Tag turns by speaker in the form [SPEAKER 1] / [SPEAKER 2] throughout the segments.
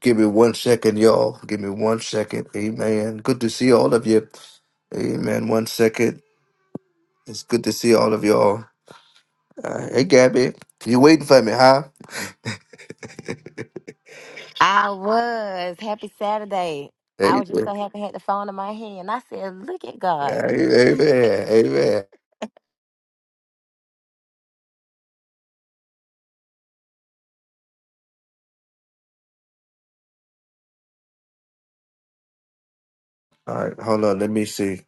[SPEAKER 1] Give me one second, y'all. Give me one second. Amen. Good to see all of you. Amen. One second. It's good to see all of y'all. Uh, hey, Gabby. You waiting for me, huh?
[SPEAKER 2] I was. Happy Saturday. I
[SPEAKER 1] Hey,
[SPEAKER 2] was just
[SPEAKER 1] hey,
[SPEAKER 2] so happy I had the phone in my hand. I said, look at God.
[SPEAKER 1] amen. Amen. All right. Hold on. Let me see.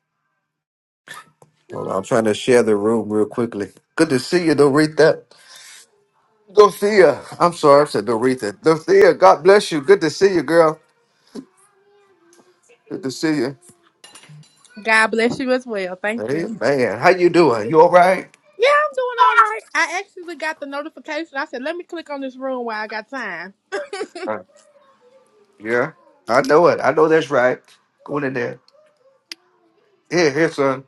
[SPEAKER 1] Hold on. I'm trying to share the room real quickly. Good to see you, Dorita. Dorothea. I'm sorry. I said Dorita. Dorothea, God bless you. Good to see you, girl. Good to see you.
[SPEAKER 3] God bless you as well. Thank you.
[SPEAKER 1] Amen. How you doing? You all right?
[SPEAKER 3] Yeah, I'm doing all right. I actually got the notification. I said, let me click on this room while I got time.
[SPEAKER 1] Yeah, I know it. I know that's right. Going in there. Here, here, son.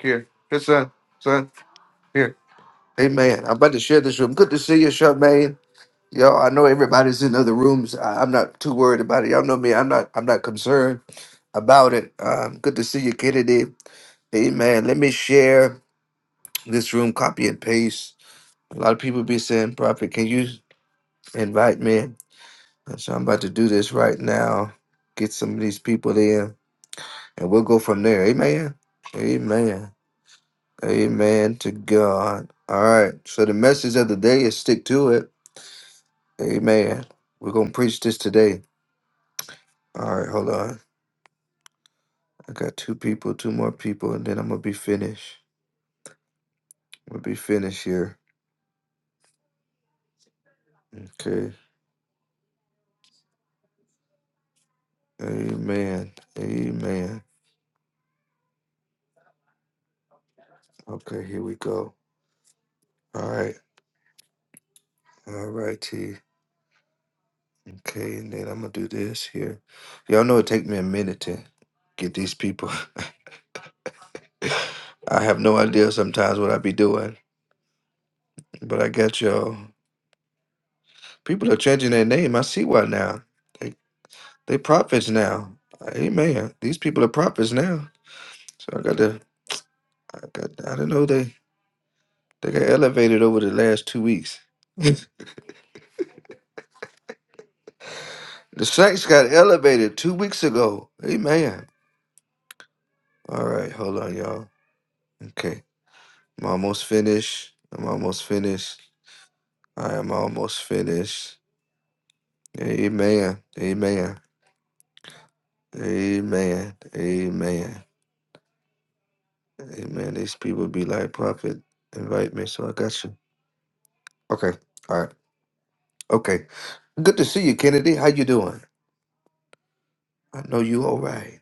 [SPEAKER 1] Here, here, son. Son, here. Amen. I'm about to share this room. Good to see you, Charmaine. Yo, I know everybody's in other rooms. I, I'm not too worried about it. Y'all know me. I'm not. I'm not concerned about it. Um, good to see you, Kennedy. Amen. Let me share this room. Copy and paste. A lot of people be saying, "Prophet, can you invite me?" So I'm about to do this right now. Get some of these people in. And we'll go from there. Amen. Amen. Amen to God. All right. So the message of the day is stick to it. Amen. We're going to preach this today. All right. Hold on. I got two people, two more people, and then I'm going to be finished. We'll be finished here. Okay. Amen. Amen. Okay. Here we go. All right. All right, T. Okay. And then I'm going to do this here. Y'all know it take me a minute to get these people. I have no idea sometimes what I be doing, but I got y'all. People are changing their name. I see why now. They they prophets now. Amen. These people are prophets now. So I got to. I got. I don't know. They they got elevated over the last two weeks. the saints got elevated two weeks ago. Amen. All right, hold on, y'all. Okay, I'm almost finished. I'm almost finished. I am almost finished. Amen. Amen. Amen. Amen. Amen. These people be like, Prophet, invite me, so I got you. Okay. All right. Okay. Good to see you, Kennedy. How you doing? I know you all right.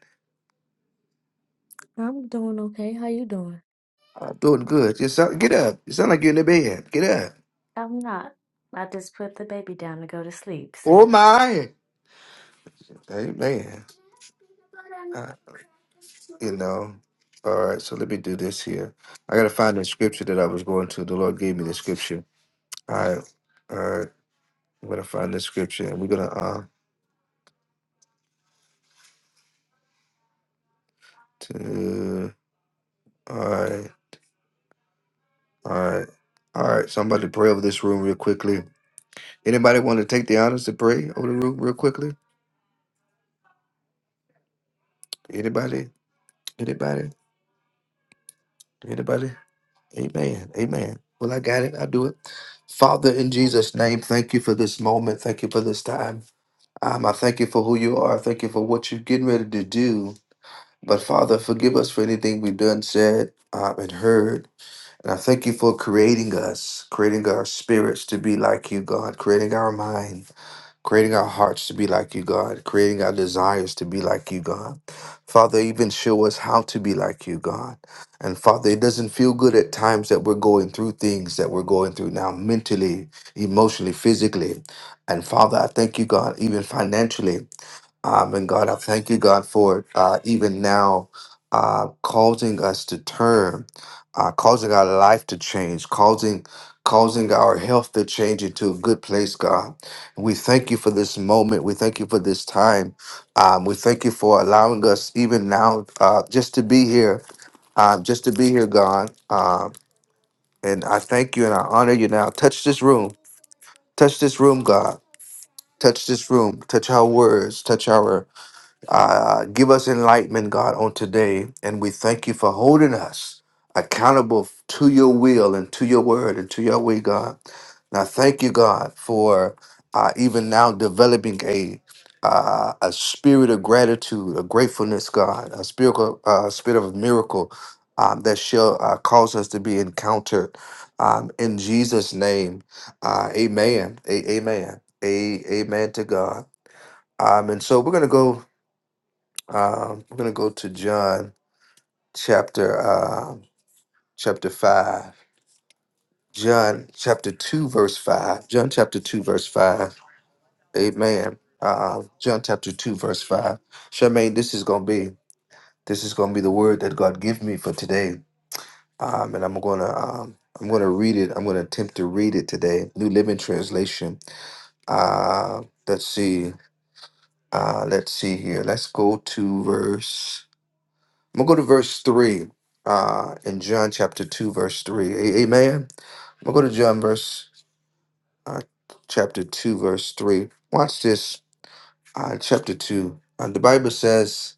[SPEAKER 4] I'm doing okay. How you doing?
[SPEAKER 1] I'm doing good. You sound, get up. You sound like you're in the bed. Get up.
[SPEAKER 4] I'm not. I just put the baby down to go to sleep, so.
[SPEAKER 1] Oh my. Amen. Uh, you know. All right. So let me do this here. I gotta find the scripture that I was going to. The Lord gave me the scripture. All right. All right. I'm gonna find the scripture, and we're gonna uh to all right. All right. All right. So I'm about to pray over this room real quickly. Anybody want to take the honors to pray over the room real quickly? Anybody? Anybody? Anybody? Amen. Amen. Well, I got it. I do it. Father, in Jesus' name, thank you for this moment. Thank you for this time. Um, I thank you for who you are. Thank you for what you're getting ready to do. But Father, forgive us for anything we've done, said, um, and heard. And I thank you for creating us, creating our spirits to be like you, God, creating our mind creating our hearts to be like you, God, creating our desires to be like you, God. Father, even show us how to be like you, God. And Father, it doesn't feel good at times that we're going through things that we're going through now, mentally, emotionally, physically. And Father, I thank you, God, even financially. Um, and God, I thank you, God, for uh, even now uh, causing us to turn, uh, causing our life to change, causing causing our health to change into a good place, God. And we thank you for this moment. We thank you for this time. Um, we thank you for allowing us even now uh, just to be here, uh, just to be here, God. Um, and I thank you and I honor you now. Touch this room. Touch this room, God. Touch this room. Touch our words. Touch our uh, give us enlightenment, God, on today. And we thank you for holding us accountable to your will and to your word and to your way, God. And I thank you, God, for uh, even now developing a uh, a spirit of gratitude, a gratefulness, God, a spirit of, uh, spirit of miracle um, that shall uh, cause us to be encountered um, in Jesus' name. Uh, amen. A- amen. A- amen to God. Um, and so we're going to go um, we're gonna go to John chapter um, chapter five. John chapter two verse five. John chapter two verse five. Amen. Uh, John chapter two verse five. Charmaine, this is gonna be this is gonna be the word that God give me for today. Um, and I'm gonna um, I'm gonna read it. I'm gonna attempt to read it today. New Living Translation. Uh, let's see. Uh, let's see here. Let's go to verse. I'm gonna go to verse three, uh, in John chapter two, verse three. A- amen. I'm gonna go to John verse uh, chapter two, verse three. Watch this. Uh, chapter two. Uh, the Bible says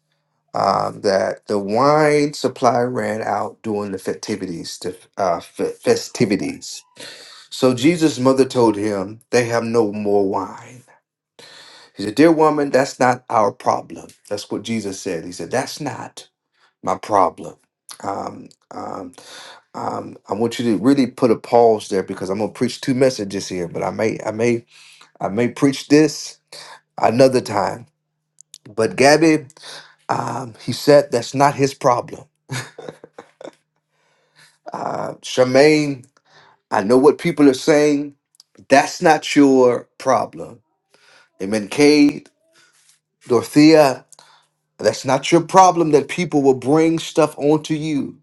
[SPEAKER 1] uh, that the wine supply ran out during the festivities. The uh, fe- festivities. So Jesus' mother told him, "They have no more wine." He said, "Dear woman, that's not our problem." That's what Jesus said. He said, "That's not my problem." Um, um, um, I want you to really put a pause there because I'm gonna preach two messages here, but I may, I may, I may preach this another time. But Gabby, um, he said that's not his problem. Uh, Charmaine, I know what people are saying. That's not your problem. Amen. Cade, Dorothea, that's not your problem. That people will bring stuff onto you.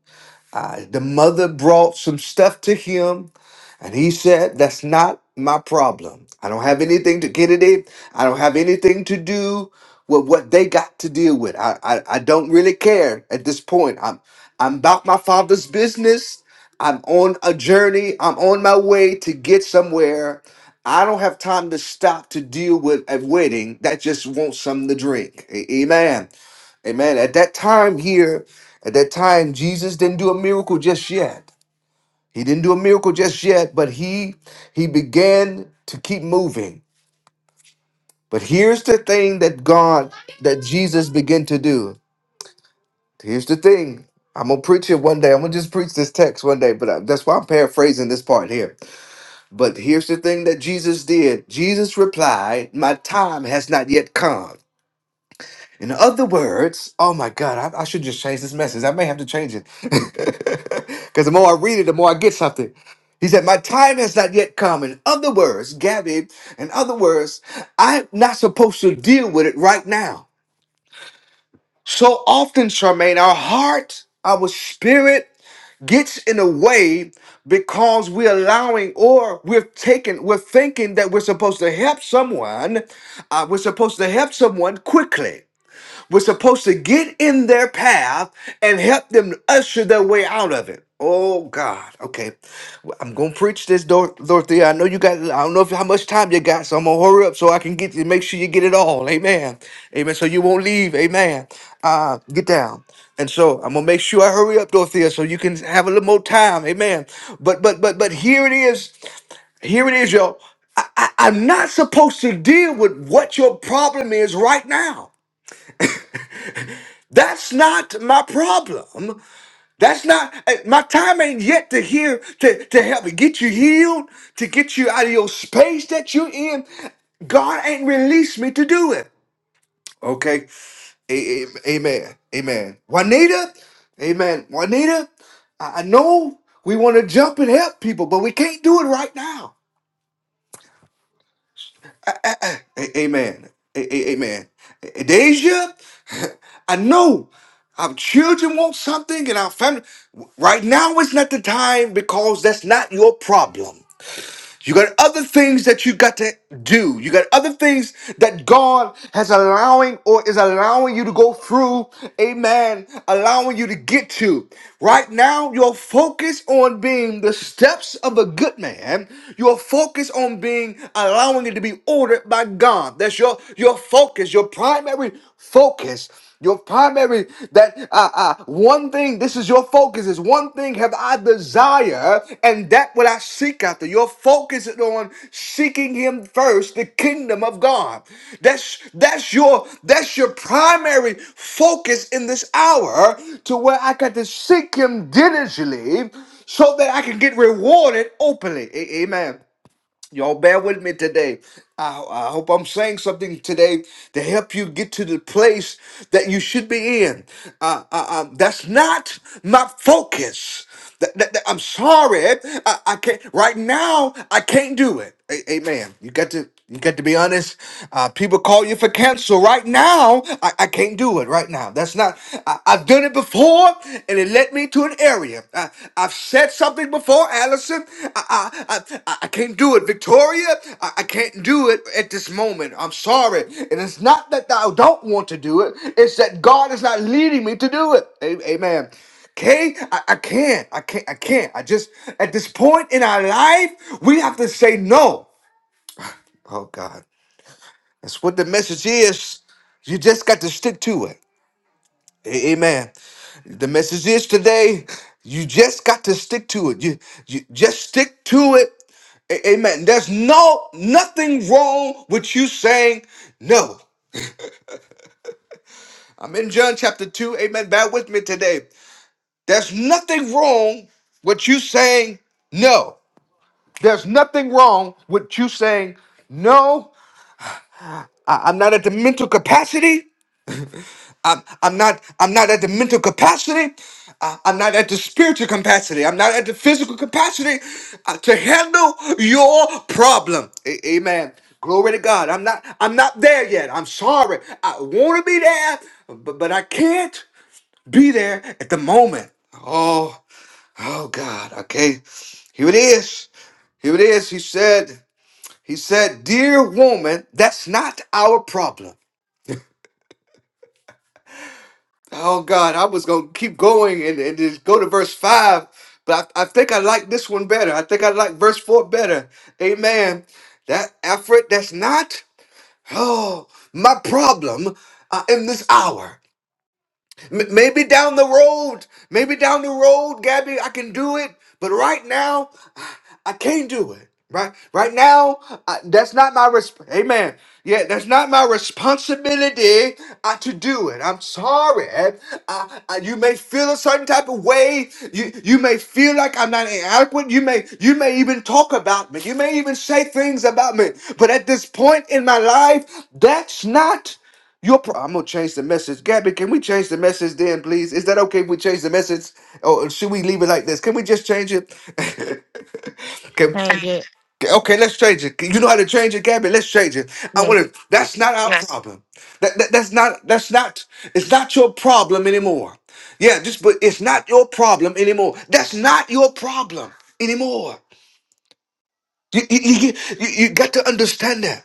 [SPEAKER 1] Uh, the mother brought some stuff to him And he said, That's not my problem. I don't have anything to get it in. I don't have anything to do with what they got to deal with. I, I, I don't really care at this point. I'm I'm about my father's business. I'm on a journey. I'm on my way to get somewhere. I don't have time to stop to deal with a wedding that just wants something to drink. A- Amen. Amen. At that time here, at that time, Jesus didn't do a miracle just yet. He didn't do a miracle just yet, but he he began to keep moving. But here's the thing that God that Jesus began to do. Here's the thing. I'm gonna preach it one day. I'm gonna just preach this text one day, but I, that's why I'm paraphrasing this part here. But here's the thing that Jesus did. Jesus replied, "My time has not yet come." In other words, oh my God, I, I should just change this message. I may have to change it. Because the more I read it, the more I get something. He said, My time has not yet come. In other words, Gabby, in other words, I'm not supposed to deal with it right now. So often, Charmaine, our heart, our spirit gets in the way because we're allowing or we're taking, we're thinking that we're supposed to help someone. Uh, we're supposed to help someone quickly was supposed to get in their path and help them usher their way out of it. Oh God. Okay. Well, I'm gonna preach this, Dor- Dorothea. I know you got I don't know if how much time you got, so I'm gonna hurry up so I can get you make sure you get it all. Amen. Amen. So you won't leave. Amen. Uh get down. And so I'm gonna make sure I hurry up, Dorothea, so you can have a little more time. Amen. But but but but here it is. Here it is, y'all. I, I, I'm not supposed to deal with what your problem is right now. That's not my problem. That's not eh, my time ain't yet to hear to, to help get you healed, to get you out of your space that you're in. God ain't released me to do it. Okay. A- a- amen. Amen. Juanita, amen. Juanita, I, I know we want to jump and help people, but we can't do it right now. A- amen. A- a- amen. A- Deja, I know our children want something and our family. Right now is not the time because that's not your problem. You got other things that you got to do. You got other things that God has allowing or is allowing you to go through. Amen. Allowing you to get to. Right now, your focus on being the steps of a good man. Your focus on being allowing it to be ordered by God. That's your your focus, your primary focus. Your primary, that uh, uh, one thing, this is your focus, is one thing have I desire, and that what I seek after. Your focus is on seeking him first, the kingdom of God. That's that's your that's your primary focus in this hour, to where I got to seek him diligently so that I can get rewarded openly. A- Amen. Y'all bear with me today. I, I hope I'm saying something today to help you get to the place that you should be in. Uh, uh, uh, that's not my focus. That- that- that- I'm sorry. I, I can't. Right now, I can't do it. A- amen. You got to. Because to be honest, uh, people call you for cancel right now. I, I can't do it right now. That's not. I, I've done it before, and it led me to an area. I, I've said something before, Allison. I I, I, I can't do it, Victoria. I, I can't do it at this moment. I'm sorry, and it's not that I don't want to do it. It's that God is not leading me to do it. A- Amen. Okay, I, I can't. I can't. I can't. I just at this point in our life, we have to say no. Oh God. That's what the message is. You just got to stick to it. A- Amen. The message is today, you just got to stick to it. You, you just stick to it. A- Amen. There's no nothing wrong with you saying no. I'm in John chapter 2. Amen. Bear with me today. There's nothing wrong with you saying no. There's nothing wrong with you saying no. I- I'm not at the mental capacity. I'm, I'm not I'm not at the mental capacity. I- I'm not at the spiritual capacity. I'm not at the physical capacity uh, to handle your problem. A- amen. Glory to God. I'm not I'm not there yet. I'm sorry. I want to be there, but, but I can't be there at the moment. Oh, oh God. Okay. Here it is. Here it is. He said, he said, dear woman, that's not our problem. Oh God, I was gonna keep going and, and just go to verse five, but I, I think I like this one better. I think I like verse four better. Amen. That effort that's not oh my problem uh, in this hour. M- maybe down the road, maybe down the road, Gabby, I can do it. But right now, I can't do it. Right, right now, I, that's not my resp. Amen. Yeah, that's not my responsibility uh, to do it. I'm sorry. I, I, you may feel a certain type of way. You you may feel like I'm not inadequate. You may you may even talk about me. You may even say things about me. But at this point in my life, that's not. Your pro- I'm gonna change the message. Gabby, can we change the message then, please? Is that okay if we change the message? Or should we leave it like this? Can we just change it? can,
[SPEAKER 2] Change it.
[SPEAKER 1] okay, let's change it. You know how to change it, Gabby? Let's change it. I wanna
[SPEAKER 2] Yes.
[SPEAKER 1] that's not our Yes. problem. That, that that's not that's not it's not your problem anymore. Yeah, just but it's not your problem anymore. That's not your problem anymore. You, you, you, you you got to understand that.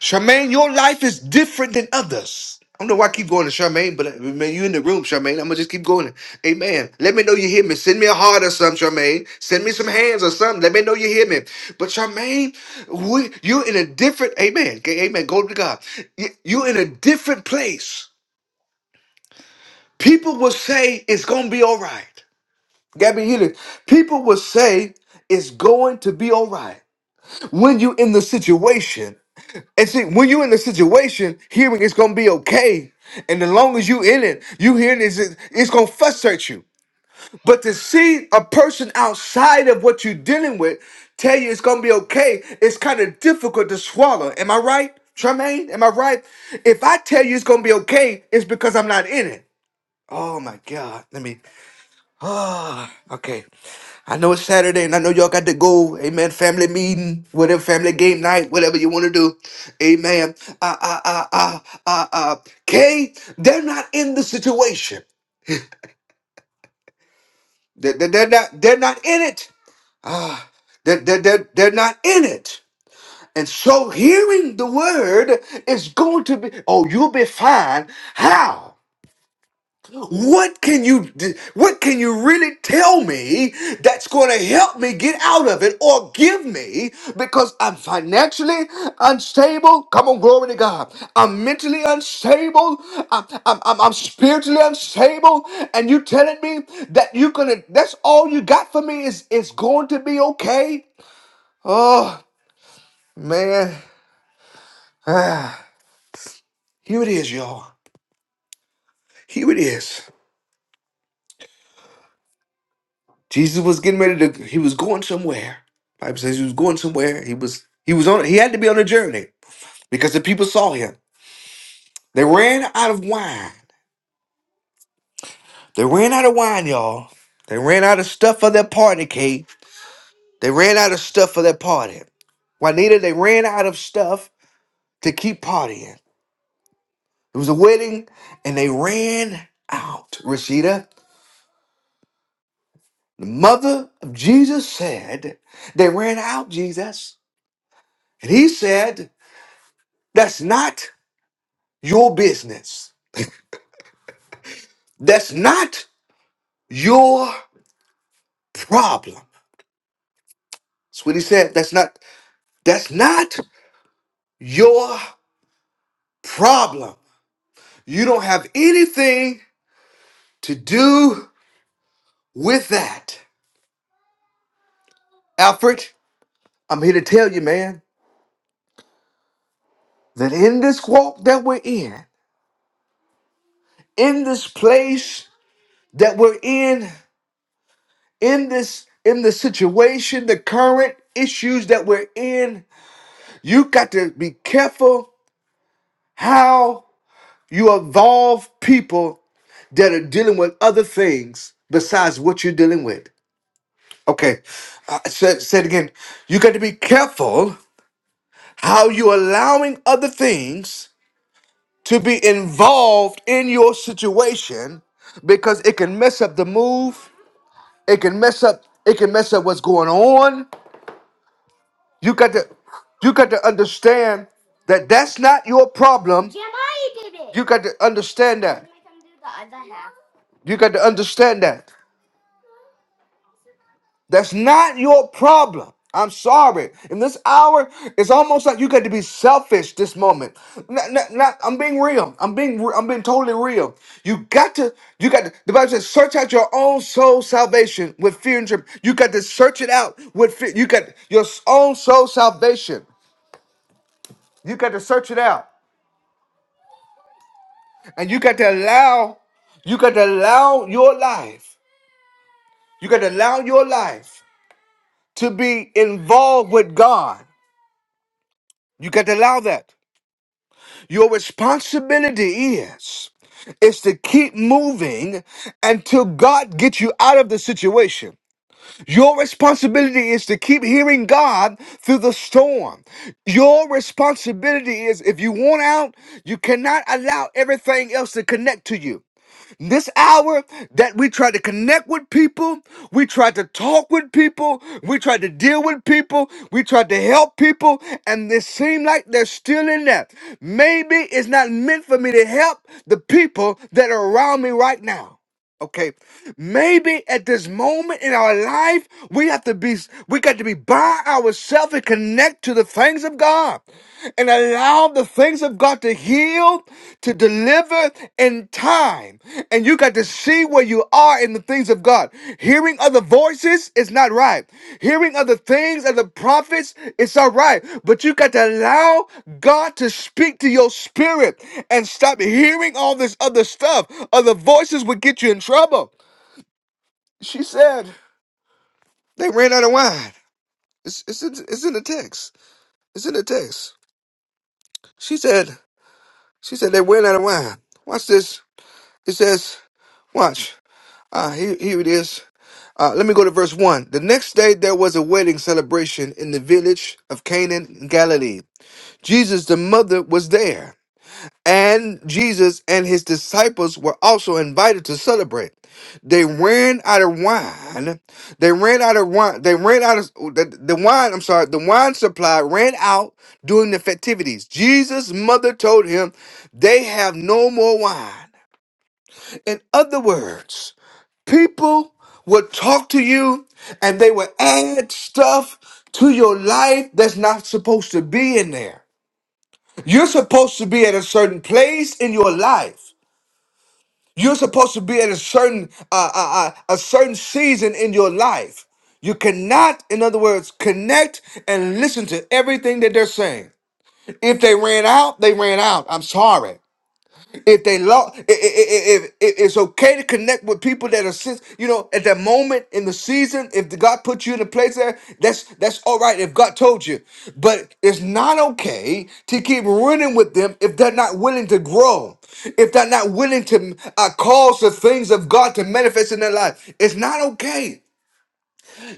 [SPEAKER 1] Charmaine, your life is different than others. I don't know why I keep going to Charmaine, but uh, man, you in the room, Charmaine. I'm gonna just keep going. Amen. Let me know you hear me. Send me a heart or something, Charmaine. Send me some hands or something. Let me know you hear me. But Charmaine, we, you're in a different. Amen. Okay, Amen. Go to God. You- You're in a different place. People will say it's gonna be all right. Gabby Healy, people will say it's going to be all right when you're in the situation And see, when you in the situation, hearing it's gonna be okay. And as long as you in it, you hearing is it's it's gonna frustrate you. But to see a person outside of what you're dealing with tell you it's gonna be okay, it's kind of difficult to swallow. Am I right, Tremaine? Am I right? If I tell you it's gonna be okay, it's because I'm not in it. Oh my God. Let me. Ah, okay. I know it's Saturday and I know y'all got to go. Amen. Family meeting, whatever, family game night, whatever you want to do. Amen. Uh, uh, uh, uh, uh, uh. Kay, they're not in the situation. They're, they're, they're not, they're not in it. They're, they're, they're, they're not in it. And so hearing the word is going to be, oh, you'll be fine. How? What can you d- what can you really tell me that's going to help me get out of it or give me because I'm financially unstable? Come on, glory to God. I'm mentally unstable. I'm, I'm, I'm, I'm spiritually unstable. And you telling me that you're gonna that's all you got for me is it's going to be okay? Oh man. Ah, here it is, y'all. Here it is. Jesus was getting ready to he was going somewhere. Bible says he was going somewhere. He was he was on he had to be on a journey because the people saw him. They ran out of wine. They ran out of wine, y'all. They ran out of stuff for their party, Kate. They ran out of stuff for their party. Juanita, they ran out of stuff to keep partying. It was a wedding and they ran out. Rashida, the mother of Jesus said, They ran out, Jesus. And he said, That's not. your business. That's not your problem. That's what he said. That's not that's not your problem. You don't have anything to do with that. Alfred, I'm here to tell you, man, that in this walk that we're in, in this place that we're in, in this in the situation, the current issues that we're in, you got to be careful how You involve people that are dealing with other things besides what you're dealing with. Okay, uh, said said again. You got to be careful how you are allowing other things to be involved in your situation because it can mess up the move. It can mess up. It can mess up what's going on. You got to you got to understand that that's not your problem. You got to understand that. You got to understand that. That's not your problem. I'm sorry. In this hour, it's almost like you got to be selfish this moment. Not, not, not- I'm being real. I'm being re- I'm being totally real. You got to you got to the Bible says search out your own soul salvation with fear and trembling. You got to search it out with fear. You got your own soul salvation. You got to search it out. And you got to allow, you got to allow your life, you got to allow your life to be involved with God. You got to allow that. Your responsibility is is to keep moving until God gets you out of the situation. Your responsibility is to keep hearing God through the storm. Your responsibility is if you want out, you cannot allow everything else to connect to you. In This hour that we try to connect with people, we try to talk with people, we try to deal with people, we try to help people, and it seems like they're still in there. Maybe it's not meant for me to help the people that are around me right now. Okay, maybe at this moment in our life, we have to be, we got to be by ourselves and connect to the things of God and allow the things of God to heal, to deliver in time. And you got to see where you you are in the things of God. Hearing other voices is not right. Hearing other things and the prophets, it's all right. But you got to allow God to speak to your spirit and stop hearing all this other stuff. Other voices would get you in trouble. She said they ran out of wine. It's, it's, in, it's in the text. It's in the text. She said, she said they ran out of wine. Watch this. It says, watch. Ah, here, here it is. Uh, let me go to verse 1. The next day there was a wedding celebration in the village of Canaan in Galilee. Jesus, the mother, was there, and Jesus and his disciples were also invited to celebrate. They ran out of wine. They ran out of wine. They ran out of the, the wine. I'm sorry. The wine supply ran out during the festivities. Jesus' mother told him, They have no more wine. In other words, People would talk to you and they would add stuff to your life that's not supposed to be in there. You're supposed to be at a certain place in your life. You're supposed to be at a certain uh, uh, uh, a certain season in your life. You cannot, in other words, connect and listen to everything that they're saying. If they ran out, they ran out. I'm sorry. If they lost, if, if it's okay to connect with people that are, sis- you know, at that moment in the season, if the God put you in a place there, that's that's all right. If God told you, but it's not okay to keep running with them if they're not willing to grow, if they're not willing to uh, cause the things of God to manifest in their life. It's not okay.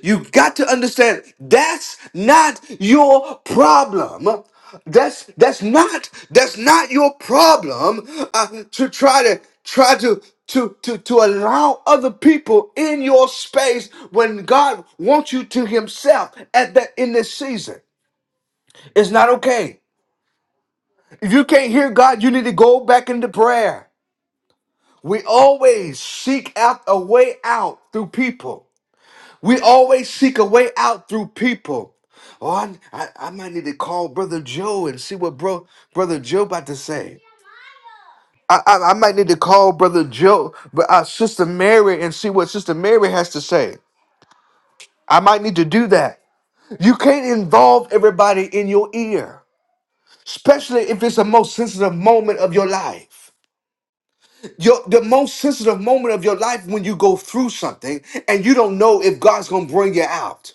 [SPEAKER 1] You got to understand that's not your problem. That's that's not that's not your problem uh, to try to try to to to to allow other people in your space when God wants you to Himself at that in this season. It's not okay. If you can't hear God, you need to go back into prayer. We always seek out a way out through people. We always seek a way out through people. Oh, I, I, I might need to call Brother Joe and see what bro Brother Joe about to say. I, I, I might need to call Brother Joe, but uh, Sister Mary and see what Sister Mary has to say. I might need to do that. You can't involve everybody in your ear, especially if it's the most sensitive moment of your life. Your, the most sensitive moment of your life when you go through something and you don't know if God's gonna bring you out.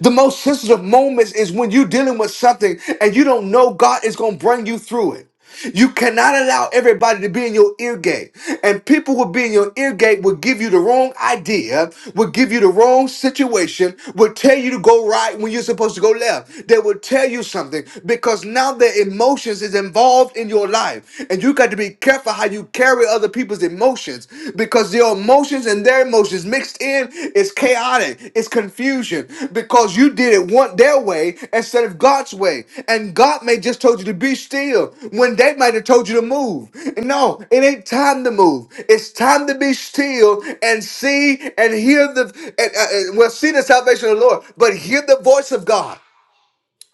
[SPEAKER 1] The most sensitive moments is when you're dealing with something and you don't know God is going to bring you through it. You cannot allow everybody to be in your ear gate. And people will be in your ear gate will give you the wrong idea, will give you the wrong situation, will tell you to go right when you're supposed to go left. They will tell you something because now their emotions is involved in your life. And you got to be careful how you carry worry other people's emotions because your emotions and their emotions mixed in is chaotic, it's confusion because you did it one their way instead of God's way. And God may just told you to be still when they might have told you to move. No, it ain't time to move. It's time to be still and see and hear the and, uh, uh, well see the salvation of the Lord, but hear the voice of God.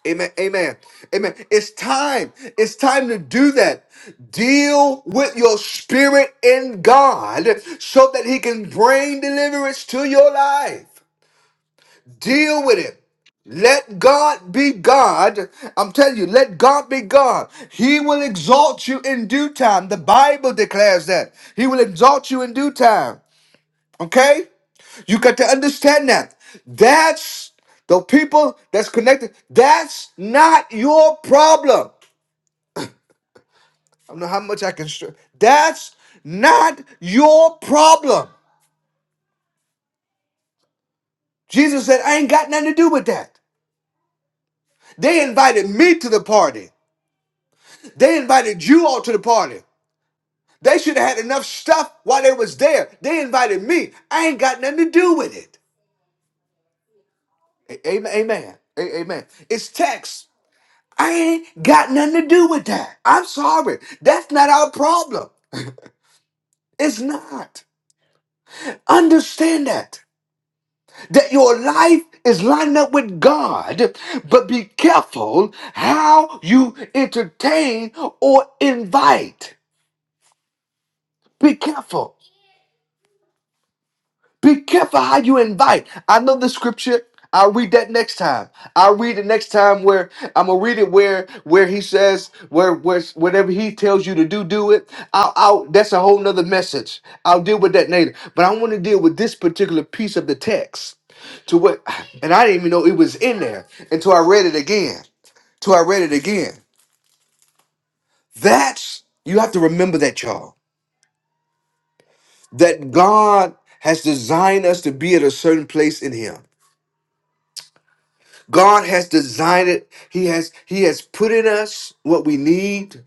[SPEAKER 1] Amen. Amen. Amen. It's time. It's time to do that. Deal with your spirit in God so that He can bring deliverance to your life. Deal with it. Let God be God. I'm telling you, let God be God. He will exalt you in due time. The Bible declares that. He will exalt you in due time. Okay? You got to understand that. That's the people that's connected. That's not your problem. I don't know how much I can str- That's not your problem. Jesus said, I ain't got nothing to do with that. They invited me to the party. They invited you all to the party. They should have had enough stuff while they was there. They invited me. I ain't got nothing to do with it. A- Amen. Amen. A- Amen. It's text. I ain't got nothing to do with that. I'm sorry. That's not our problem. It's not. Understand that. That your life is lined up with God, but be careful how you entertain or invite. Be careful. Be careful how you invite. I know the scripture. I'll read that next time. I'll read it next time where I'm gonna read it where where he says where where whatever he tells you to do, do it. I'll, I'll that's a whole nother message. I'll deal with that later. But I want to deal with this particular piece of the text to what and I didn't even know it was in there until I read it again. Till I read it again. That's you have to remember that, y'all. That God has designed us to be at a certain place in him. God has designed it. He has He has put in us what we need.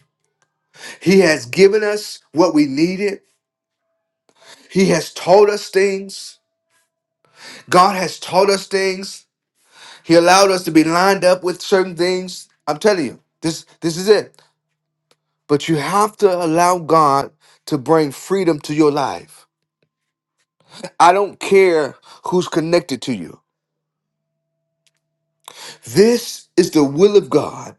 [SPEAKER 1] He has given us what we needed. He has taught us things. God has taught us things. He allowed us to be lined up with certain things. I'm telling you, this this is it. But you have to allow God to bring freedom to your life. I don't care who's connected to you. This is the will of God.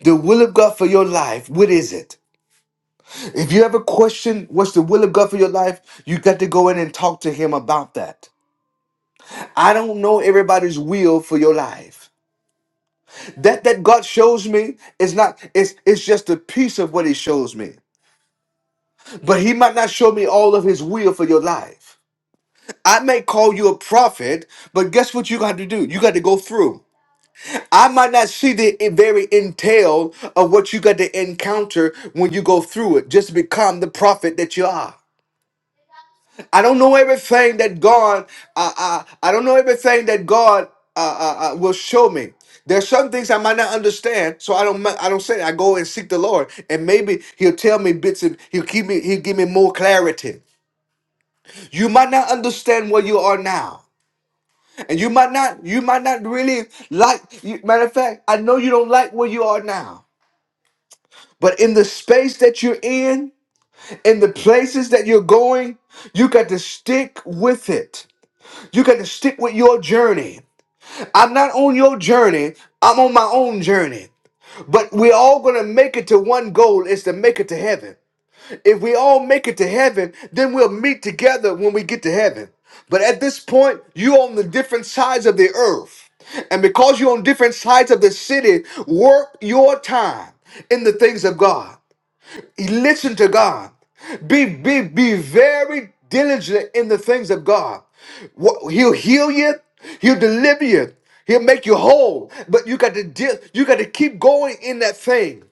[SPEAKER 1] The will of God for your life. What is it? If you ever question what's the will of God for your life, you got to go in and talk to Him about that. I don't know everybody's will for your life. That that God shows me is not it's it's just a piece of what He shows me. But He might not show me all of His will for your life. I may call you a prophet, but guess what you got to do? You got to go through. I might not see the i- very entail of what you got to encounter when you go through it, just to become the prophet that you are. I don't know everything that God, uh, uh, I don't know everything that God uh, uh, uh, will show me. There's some things I might not understand, so I don't, I don't say it. I go and seek the Lord, and maybe He'll tell me bits and He'll keep me, He'll give me more clarity. You might not understand where you are now, and you might not, you might not really like. You, matter of fact, I know you don't like where you are now, but in the space that you're in, in the places that you're going, you got to stick with it. You got to stick with your journey. I'm not on your journey, I'm on my own journey. But we're all going to make it to one goal is to make it to heaven. If we all make it to heaven, then we'll meet together when we get to heaven. But at this point, you're on the different sides of the earth. And because you're on different sides of the city, work your time in the things of God. Listen to God. Be be be very diligent in the things of God. What, he'll heal you. He'll deliver you. He'll make you whole. But you got to deal, you got to keep going in that thing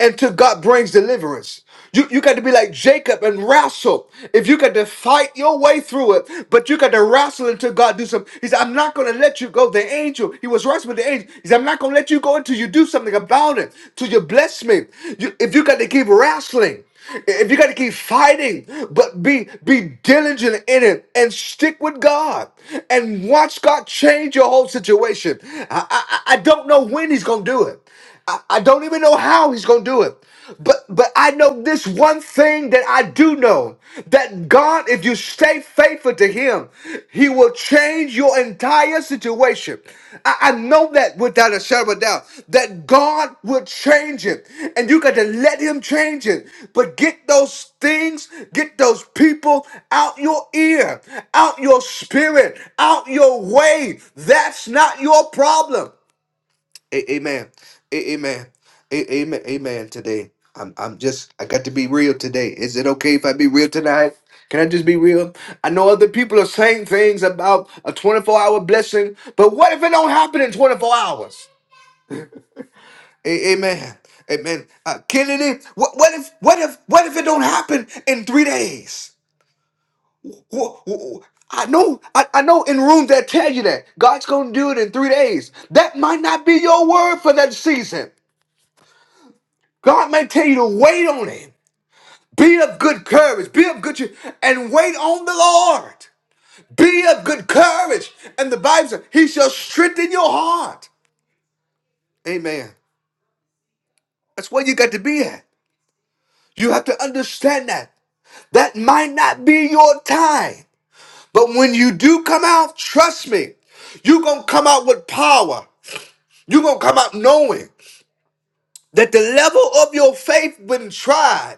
[SPEAKER 1] until God brings deliverance. You, you got to be like Jacob and wrestle. If you got to fight your way through it, but you got to wrestle until God do something. He said, I'm not going to let you go. The angel, he was wrestling with the angel. He said, I'm not going to let you go until you do something about it, till you bless me. You, if you got to keep wrestling, if you got to keep fighting, but be be diligent in it and stick with God and watch God change your whole situation. I, I, I I don't know when he's going to do it. I, I don't even know how he's gonna do it. But but I know this one thing that I do know that God, if you stay faithful to him, he will change your entire situation. I, I know that without a shadow of a doubt, that God will change it. And you got to let him change it. But get those things, get those people out your ear, out your spirit, out your way. That's not your problem. A- amen. A- amen. A- amen. Amen. Today, I'm. I'm just. I got to be real today. Is it okay if I be real tonight? Can I just be real? I know other people are saying things about a 24 hour blessing, but what if it don't happen in 24 hours? A- amen. Amen. Uh, Kennedy, what, what if? What if? What if it don't happen in three days? Wh- wh- I know, I, I know in rooms that tell you that God's gonna do it in three days. That might not be your word for that season. God may tell you to wait on him. Be of good courage. Be of good cheer and wait on the Lord. Be of good courage. And the Bible says, He shall strengthen your heart. Amen. That's where you got to be at. You have to understand that. That might not be your time. But when you do come out, trust me, you're going to come out with power. You're going to come out knowing. that the level of your faith been tried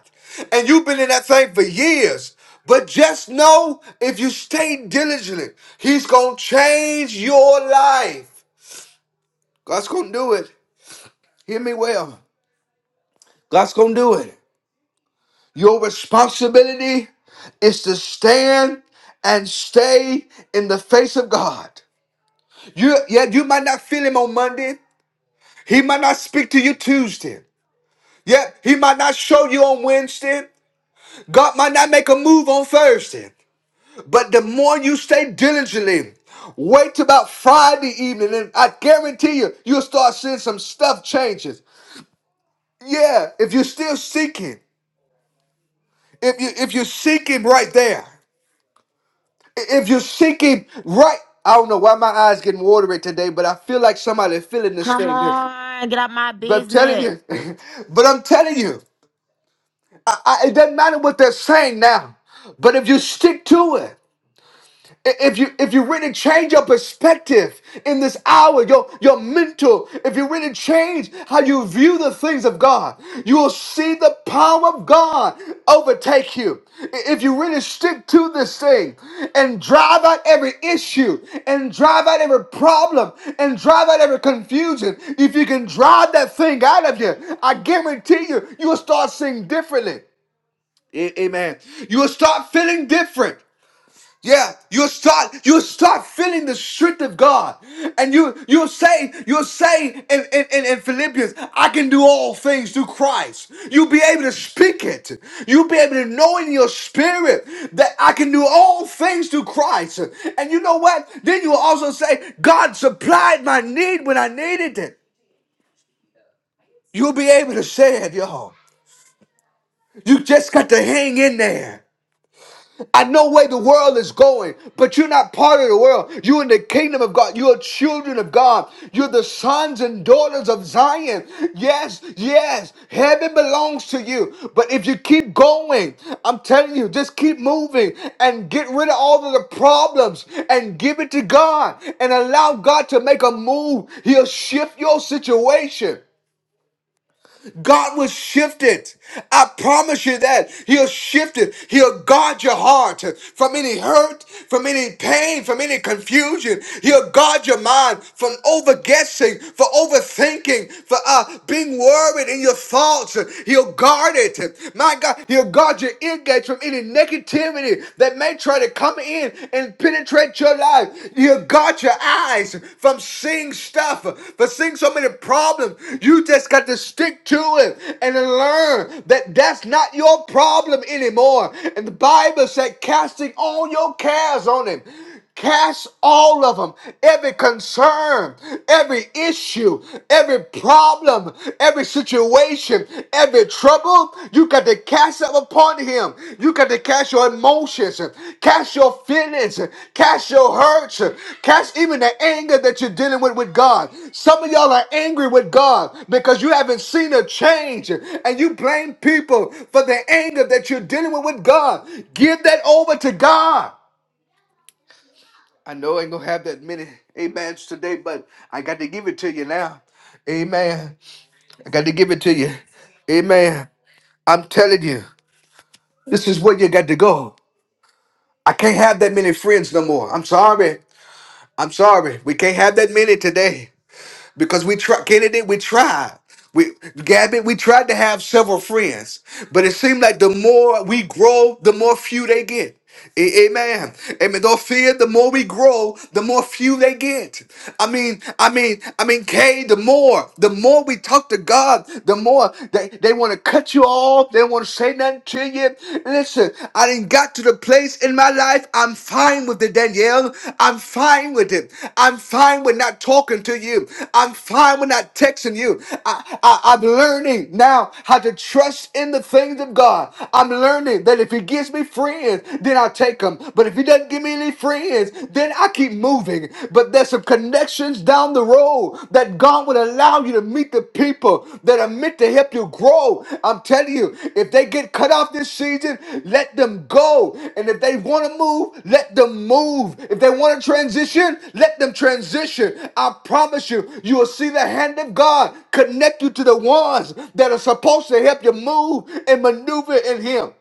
[SPEAKER 1] and you've been in that thing for years but just know if you stay diligent he's gonna change your life god's gonna do it hear me well god's gonna do it your responsibility is to stand and stay in the face of god you yeah you might not feel him on monday he might not speak to you tuesday yeah, he might not show you on Wednesday. God might not make a move on Thursday, but the more you stay diligently, wait till about Friday evening, and I guarantee you, you'll start seeing some stuff changes. Yeah, if you're still seeking, if you if you're seeking right there, i- if you're seeking right, I don't know why my eyes getting watery today, but I feel like somebody feeling this
[SPEAKER 2] Come
[SPEAKER 1] thing. here.
[SPEAKER 2] on. Get out my
[SPEAKER 1] But I'm telling
[SPEAKER 2] business.
[SPEAKER 1] you, but I'm telling you, I, I, it doesn't matter what they're saying now, but if you stick to it. I- If you if you really change your perspective in this hour, your your mental, if you really change how you view the things of God, you will see the power of God overtake you. I- If you really stick to this thing and drive out every issue and drive out every problem and drive out every confusion, if you can drive that thing out of you, I guarantee you, you will start seeing differently. A- Amen. You will start feeling different. Yeah, you'll start you'll start feeling the strength of God. And you you'll say, you'll say in, in, in, in Philippians, I can do all things through Christ. You'll be able to speak it. You'll be able to know in your spirit that I can do all things through Christ. And you know what? Then you'll also say, God supplied my need when I needed it. You'll be able to say it, y'all. You just got to hang in there. I know where the world is going, but you're not part of the world. You're in the kingdom of God. You're children of God. You're the sons and daughters of Zion. Yes, yes, heaven belongs to you. But if you keep going, I'm telling you, just keep moving and get rid of all of the problems and give it to God and allow God to make a move. He'll shift your situation. God will shift it. I promise you that. He'll shift it. He'll guard your heart from any hurt, from any pain, from any confusion. He'll guard your mind from overguessing, for overthinking, for uh, being worried in your thoughts. He'll guard it. My God, he'll guard your ear gates from any negativity that may try to come in and and penetrate your life. You got your eyes from seeing stuff, from seeing so many problems. You just got to stick to it and learn that that's not your problem anymore. And the Bible said, casting all your cares on him. Cast all of them, every concern, every issue, every problem, every situation, every trouble. You got to cast them upon Him. You got to cast your emotions, cast your feelings, cast your hurts, cast even the anger that you're dealing with with God. Some of y'all are angry with God because you haven't seen a change and you blame people for the anger that you're dealing with with God. Give that over to God. I know I ain't gonna have that many amens today, but I got to give it to you now. Amen. I got to give it to you. Amen. I'm telling you, this is where you got to go. I can't have that many friends no more. I'm sorry. I'm sorry. We can't have that many today. because we tried. Kennedy, we tried. We Gabby, we tried to have several friends, but it seemed like the more we grow, the more few they get. A- Amen. Amen. Don't fear. The more we grow, the more few they get. I mean, I mean, I mean, Kay. The more, the more we talk to God, the more they, they want to cut you off. They want to say nothing to you. Listen. Listen, I didn't got to the place in my life. I'm fine with it, Danielle. I'm fine with it. I'm fine with not talking to you. I'm fine with not texting you. I, I, I'm learning now how to trust in the things of God. I'm learning that if He gives me friends, then I'll take them. But if He doesn't give me any friends, then I keep moving. But there's some connections down the road grow, that God would allow you to meet the people that are meant to help you grow. I'm telling you, if they get cut off this season, let them go. And if they want to move, let them move. If they want to transition, let them transition. I promise you, you will see the hand of God connect you to the ones that are supposed to help you move and maneuver in Him.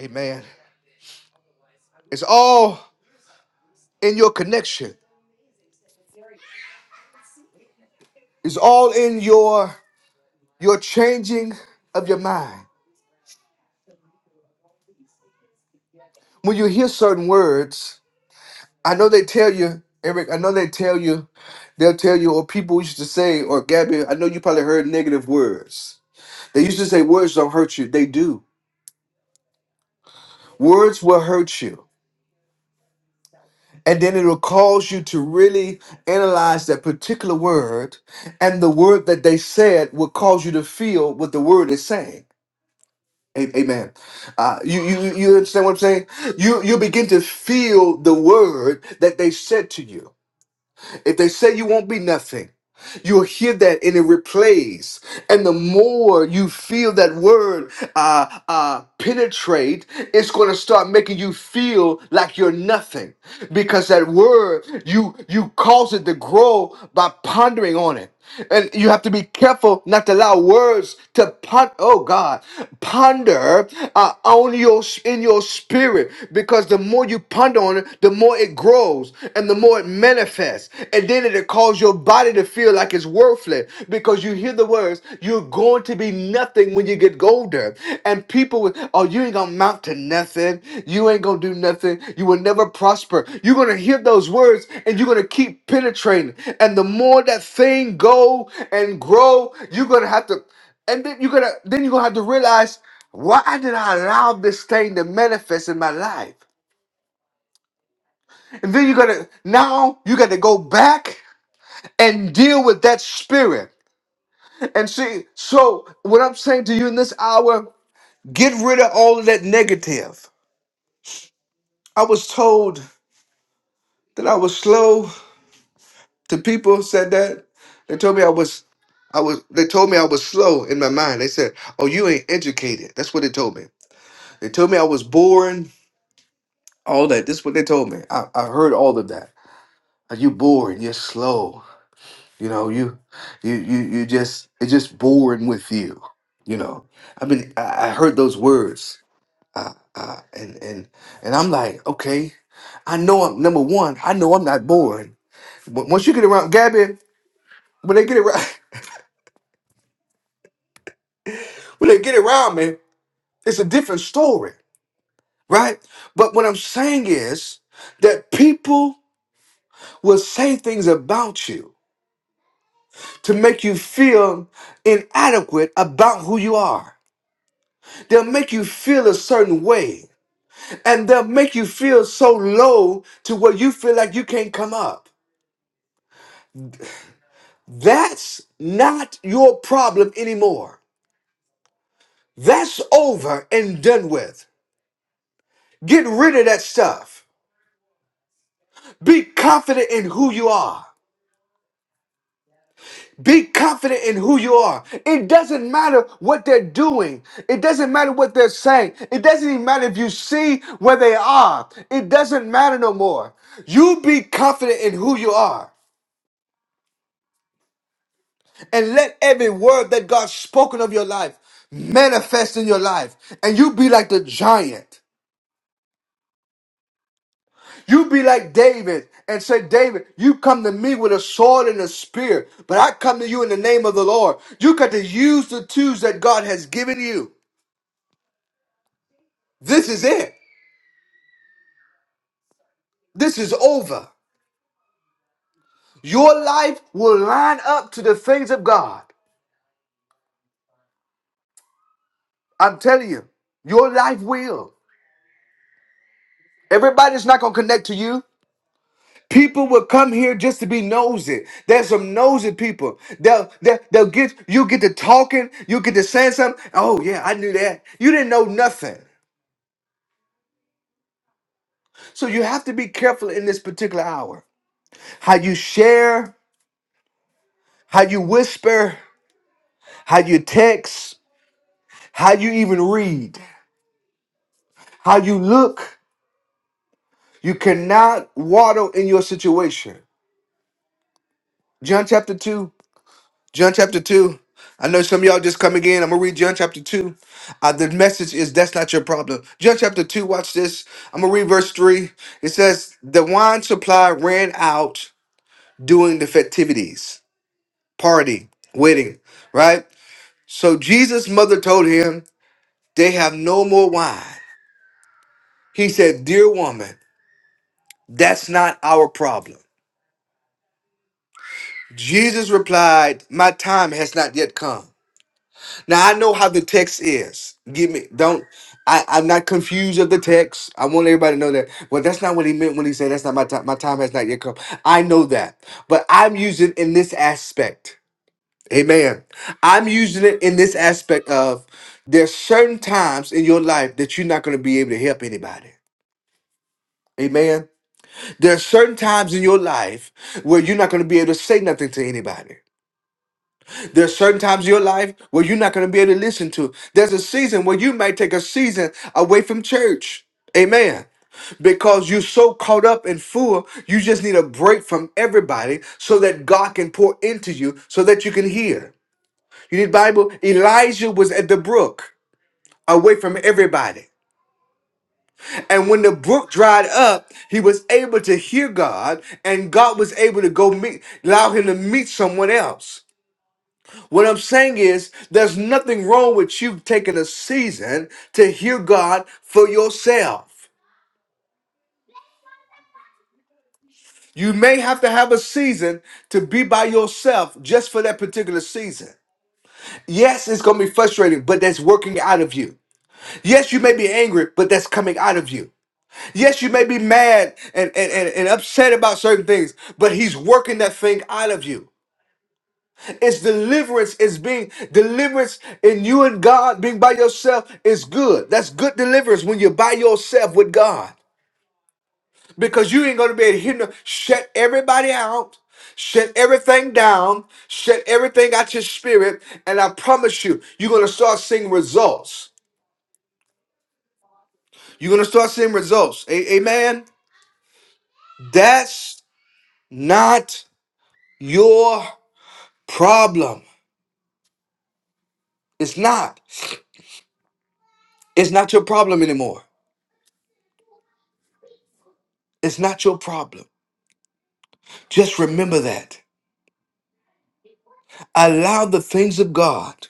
[SPEAKER 1] Amen. It's all in your connection. It's all in your your changing of your mind. when you hear certain words, I know they tell you, Eric, I know they tell you, they'll tell you, or people used to say, or Gabby, I know you probably heard negative words. They used to say words don't hurt you. They do. Words will hurt you. And then it'll cause you to really analyze that particular word, and the word that they said will cause you to feel what the word is saying. A- Amen. Uh, you, you you understand what I'm saying? You you begin to feel the word that they said to you. If they say you won't be nothing, you'll hear that and it replays. And the more you feel that word uh, uh, penetrate, it's going to start making you feel like you're nothing because that word you you cause it to grow by pondering on it. And you have to be careful not to allow words to pon- oh God, ponder uh, on your in your spirit because the more you ponder on it, the more it grows and the more it manifests. And then it'll cause your body to feel like it's worthless because you hear the words, you're going to be nothing when you get older. And people will, oh, you ain't gonna amount to nothing. You ain't gonna do nothing. You will never prosper. You're gonna hear those words and you're gonna keep penetrating. And the more that thing go and grow, you're gonna have to, and then you're gonna, then you're gonna have to realize, why did I allow this thing to manifest in my life? And then you gotta, now you gotta go back and deal with that spirit. And see, so what I'm saying to you in this hour, get rid of all of that negative. I was told that I was slow. The people said that. They told me I was I was they told me I was slow in my mind. They said, Oh, you ain't educated. That's what they told me. They told me I was boring. All that. This is what they told me. I, I heard all of that. Are you boring? You're slow. You know, you you you you just it's just born with you. You know, I mean, I I heard those words, uh, and and and I'm like, okay, I know I'm number one. I know I'm not born. But once you get around Gabby, when they get around, when they get around me, it's a different story, right? But what I'm saying is that people will say things about you to make you feel inadequate about who you are. They'll make you feel a certain way and they'll make you feel so low to where you feel like you can't come up. That's not your problem anymore. That's over and done with. Get rid of that stuff. Be confident in who you are. Be confident in who you are. It doesn't matter what they're doing. It doesn't matter what they're saying. It doesn't even matter if you see where they are. It doesn't matter no more. You be confident in who you are. and let every word that God's spoken of your life manifest in your life. And you be like the giant. You be like David and say, David, you come to me with a sword and a spear, but I come to you in the name of the Lord. You got to use the tools that God has given you. This is it. This is over. Your life will line up to the things of God. I'm telling you, your life will. Everybody's not going to connect to you. People will come here just to be nosy. There's some nosy people. They'll, they'll, they'll get you get to talking, you get to saying something. Oh yeah, I knew that. You didn't know nothing. So you have to be careful in this particular hour. How you share, how you whisper, how you text, how you even read, how you look. You cannot waddle in your situation. John chapter 2 John chapter 2. I know some of y'all just coming in. I'm going to read John chapter 2. Uh, the message is that's not your problem. John chapter 2, watch this. I'm going to read verse 3. It says, The wine supply ran out during the festivities, party, wedding, right? So Jesus' mother told him, They have no more wine. He said, Dear woman, that's not our problem. Jesus replied, My time has not yet come. Now I know how the text is. Give me don't I, I'm not confused of the text. I want everybody to know that. Well, that's not what he meant when he said that's not my time. My time has not yet come. I know that. But I'm using in this aspect. Amen. I'm using it in this aspect of there's certain times in your life that you're not going to be able to help anybody. Amen. There are certain times in your life where you're not going to be able to say nothing to anybody. There's certain times in your life where you're not going to be able to listen to. There's a season where you might take a season away from church. Amen. Because you're so caught up and full, you just need a break from everybody so that God can pour into you so that you can hear. You need Bible. Elijah was at the brook, away from everybody. And when the brook dried up, he was able to hear God, and God was able to go meet, allow him to meet someone else. What I'm saying is, there's nothing wrong with you taking a season to hear God for yourself. You may have to have a season to be by yourself just for that particular season. Yes, it's going to be frustrating, but that's working out of you. Yes, you may be angry, but that's coming out of you. Yes, you may be mad and, and, and, and upset about certain things, but He's working that thing out of you. It's deliverance. It's being deliverance in you and God being by yourself is good. That's good deliverance when you're by yourself with God. Because you ain't gonna be able to hear no- shut everybody out, shut everything down, shut everything out your spirit, and I promise you, you're gonna start seeing results. You're gonna start seeing results. A- amen. That's not your problem. It's not. It's not your problem anymore. It's not your problem. Just remember that. Allow the things of God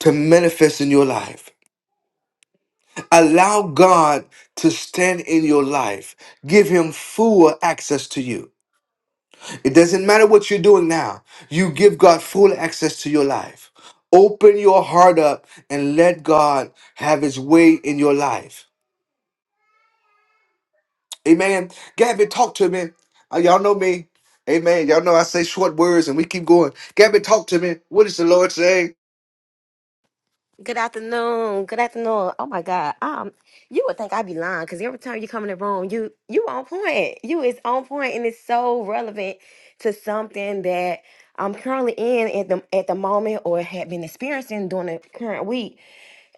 [SPEAKER 1] to manifest in your life. Allow God to stand in your life. Give Him full access to you. It doesn't matter what you're doing now, you give God full access to your life. Open your heart up and let God have His way in your life. Amen. Gabby, talk to me. Uh, y'all know me. Amen. Y'all know I say short words and we keep going. Gabby, talk to me. What is the Lord saying?
[SPEAKER 2] Good afternoon. Good afternoon. Oh my God. Um, you would think I'd be lying because every time you come in the room, you you on point. You is on point and it's so relevant to something that I'm currently in at the at the moment or had been experiencing during the current week.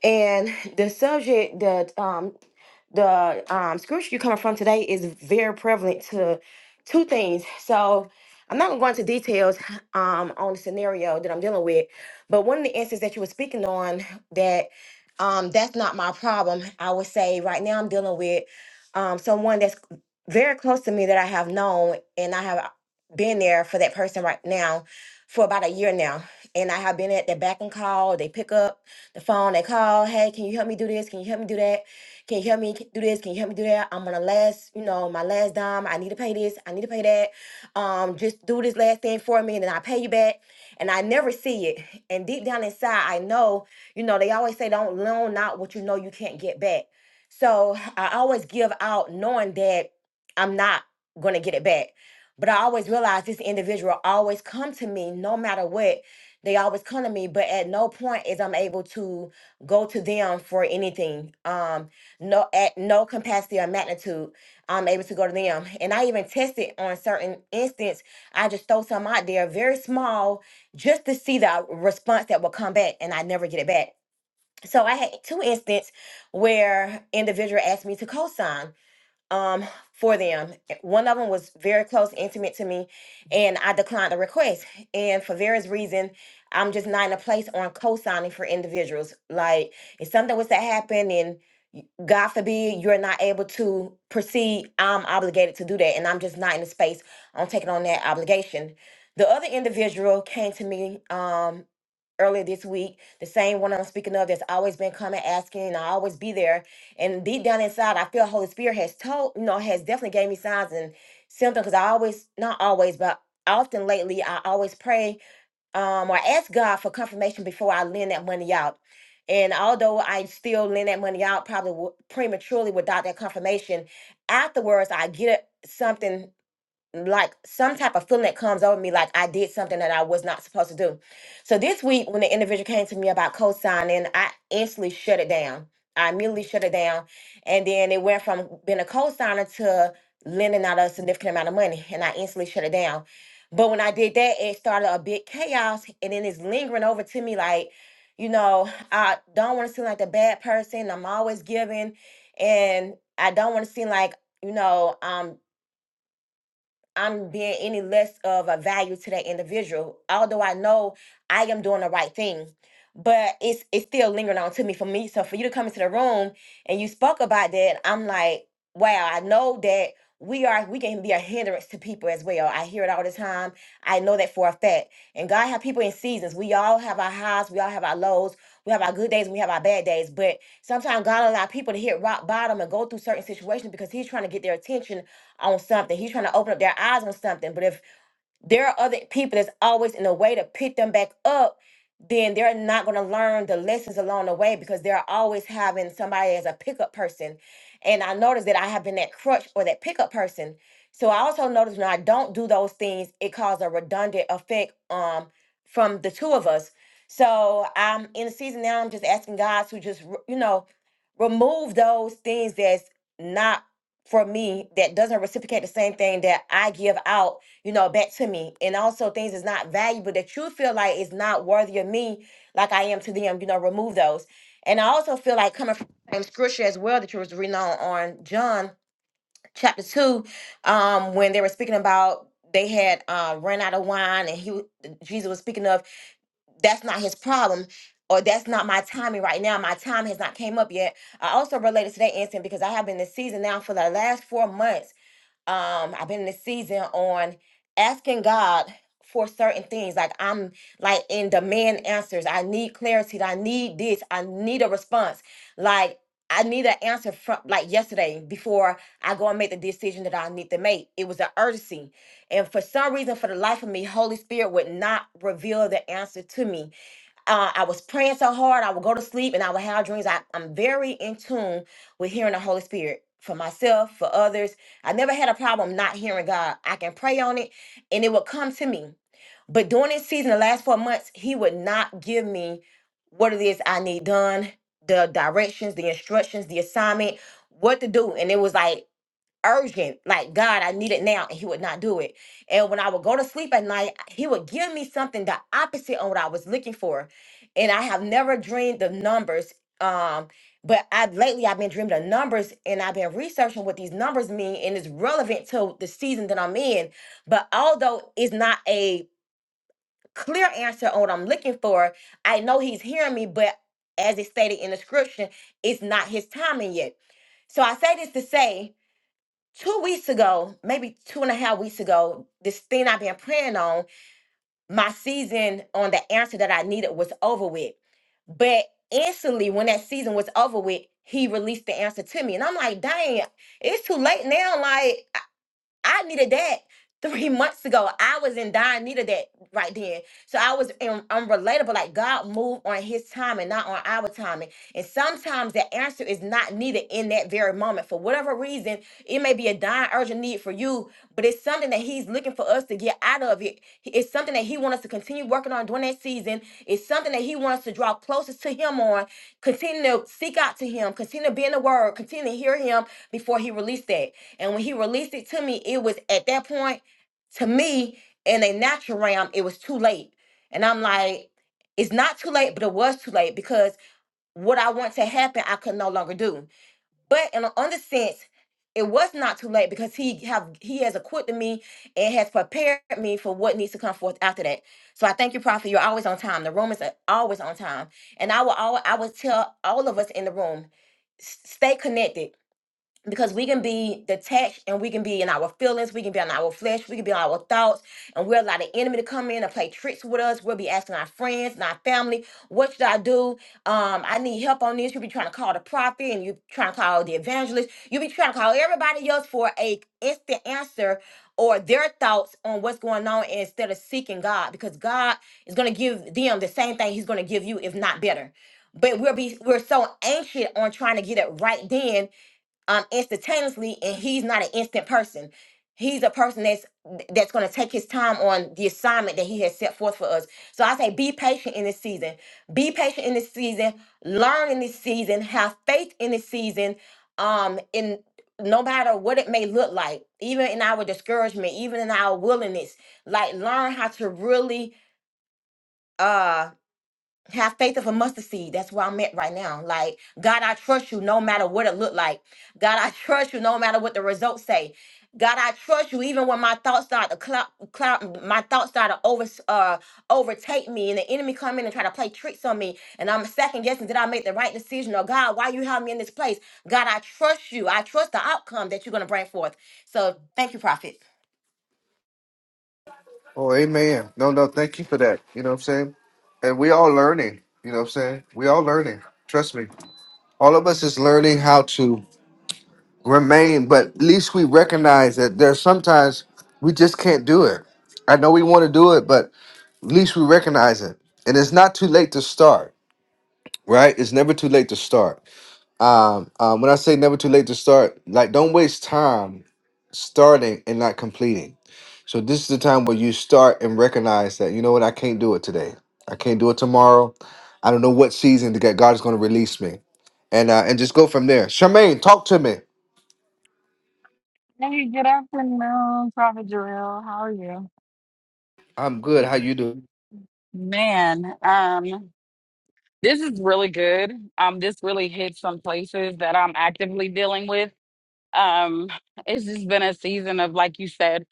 [SPEAKER 2] And the subject that um the um, scripture you're coming from today is very prevalent to two things. So I'm not going to go into details um, on the scenario that I'm dealing with, but one of the instances that you were speaking on that um, that's not my problem. I would say right now I'm dealing with um, someone that's very close to me that I have known, and I have been there for that person right now for about a year now. And I have been at their back and call. They pick up the phone, they call, hey, can you help me do this? Can you help me do that? Can you help me do this? Can you help me do that? I'm on the last, you know, my last dime. I need to pay this. I need to pay that. Um, just do this last thing for me and then I pay you back. And I never see it. And deep down inside, I know, you know, they always say don't loan out what you know you can't get back. So I always give out knowing that I'm not gonna get it back. But I always realize this individual always come to me no matter what. They always come to me, but at no point is I'm able to go to them for anything. Um, no at no capacity or magnitude I'm able to go to them. And I even tested on certain instance. I just throw some out there, very small, just to see the response that will come back, and I never get it back. So I had two instances where individual asked me to co-sign um for them. One of them was very close, intimate to me, and I declined the request. And for various reasons, I'm just not in a place on co-signing for individuals. Like if something was to happen and y- God forbid you're not able to proceed, I'm obligated to do that. And I'm just not in the space on taking on that obligation. The other individual came to me um earlier this week, the same one I'm speaking of that's always been coming asking, and I always be there and deep down inside, I feel Holy Spirit has told, you know, has definitely gave me signs and symptoms. Because I always, not always, but often lately, I always pray um, or ask God for confirmation before I lend that money out. And although I still lend that money out probably w- prematurely without that confirmation, afterwards I get something like some type of feeling that comes over me like I did something that I was not supposed to do. So this week when the individual came to me about co-signing, I instantly shut it down. I immediately shut it down. And then it went from being a co-signer to lending out a significant amount of money. And I instantly shut it down. But when I did that, it started a big chaos and then it's lingering over to me like, you know, I don't want to seem like the bad person. I'm always giving and I don't want to seem like, you know, um. I'm being any less of a value to that individual, although I know I am doing the right thing. But it's it's still lingering on to me for me. So for you to come into the room and you spoke about that, I'm like, wow, I know that we are we can be a hindrance to people as well. I hear it all the time. I know that for a fact. And God have people in seasons. We all have our highs, we all have our lows, we have our good days, and we have our bad days. But sometimes God allow people to hit rock bottom and go through certain situations because He's trying to get their attention on something. He's trying to open up their eyes on something. But if there are other people that's always in a way to pick them back up, then they're not going to learn the lessons along the way because they're always having somebody as a pickup person. And I noticed that I have been that crutch or that pickup person. So I also noticed when I don't do those things, it causes a redundant effect um, from the two of us. So I'm in a season now, I'm just asking God to just, re- you know, remove those things that's not for me, that doesn't reciprocate the same thing that I give out you know, back to me. And also things is not valuable that you feel like is not worthy of me, like I am to them, you know, remove those. And I also feel like coming from the same scripture as well that you was reading on, on John chapter two, um, when they were speaking about they had uh, run out of wine and he w- Jesus was speaking of that's not his problem or that's not my timing right now. My time has not came up yet. I also related to that incident because I have been this season now for the last four months um i've been in a season on asking god for certain things like i'm like in demand answers i need clarity i need this i need a response like i need an answer from like yesterday before i go and make the decision that i need to make it was an urgency and for some reason for the life of me holy spirit would not reveal the answer to me uh, I was praying so hard, I would go to sleep and I would have dreams. I, I'm very in tune with hearing the Holy Spirit for myself, for others. I never had a problem not hearing God. I can pray on it and it would come to me. But during this season, the last four months, He would not give me what it is I need done, the directions, the instructions, the assignment, what to do. And it was like, urgent, like God, I need it now, and he would not do it. And when I would go to sleep at night, he would give me something the opposite on what I was looking for. And I have never dreamed of numbers. Um, but I lately I've been dreaming of numbers and I've been researching what these numbers mean, and it's relevant to the season that I'm in. But although it's not a clear answer on what I'm looking for, I know he's hearing me, but as it stated in the scripture, it's not his timing yet. So I say this to say two weeks ago, maybe two and a half weeks ago, this thing I've been praying on, my season on the answer that I needed was over with. But instantly, when that season was over with, he released the answer to me. And I'm like, dang, it's too late now. Like, I needed that three months ago. I was in dire need of that right then. So I was un- unrelatable. Like God moved on his time and not on our timing. And sometimes the answer is not needed in that very moment. For whatever reason, it may be a dying urgent need for you, but it's something that he's looking for us to get out of it. He- It's something that he wants us to continue working on during that season. It's something that he wants us to draw closest to him on, continue to seek out to him, continue to be in the word, continue to hear him before he released that. And when he released it to me, it was at that point, to me, in a natural realm, it was too late. And I'm like, it's not too late, but it was too late because what I want to happen, I could no longer do. But in another sense, it was not too late because he have he has equipped me and has prepared me for what needs to come forth after that. So I thank you, Prophet. You're always on time. The room is uh, always on time. And I will always, I will tell all of us in the room, s- stay connected because we can be detached and we can be in our feelings, we can be in our flesh, we can be in our thoughts, and we'll allow the enemy to come in and play tricks with us. We'll be asking our friends and our family, what should I do? Um, I need help on this. You'll be trying to call the prophet and you trying to call the evangelist. You'll be trying to call everybody else for a instant answer or their thoughts on what's going on instead of seeking God because God is going to give them the same thing he's going to give you, if not better. But we'll be we're so anxious on trying to get it right then um instantaneously and he's not an instant person he's a person that's that's going to take his time on the assignment that he has set forth for us so i say be patient in this season be patient in this season learn in this season have faith in this season um in no matter what it may look like even in our discouragement even in our willingness like learn how to really uh have faith of a mustard seed. That's where I'm at right now. Like, God, I trust you no matter what it look like. God, I trust you no matter what the results say. God, I trust you even when my thoughts start to cloud, cloud my thoughts start to over, uh, overtake me and the enemy come in and try to play tricks on me and I'm second guessing did I make the right decision or God, why you have me in this place? God, I trust you. I trust the outcome that you're going to bring forth. So thank you, prophet.
[SPEAKER 1] Oh, amen. No, no, thank you for that. You know what I'm saying? And we all learning. You know what I'm saying? We all learning. Trust me. All of us is learning how to remain, but at least we recognize that there's sometimes we just can't do it. I know we want to do it, but at least we recognize it. And it's not too late to start, right? It's never too late to start. Um, um, when I say never too late to start, like don't waste time starting and not completing so this is the time where you start and recognize that you know what I can't do it today. I can't do it tomorrow. I don't know what season that God is going to release me, and uh, and just go from there. Charmaine, talk to me.
[SPEAKER 5] Hey, good afternoon, Prophet Jarrell. How are you?
[SPEAKER 1] I'm good. How you do?
[SPEAKER 5] Man, um, this is really good. Um, this really hit some places that I'm actively dealing with. Um, it's just been a season of, like you said,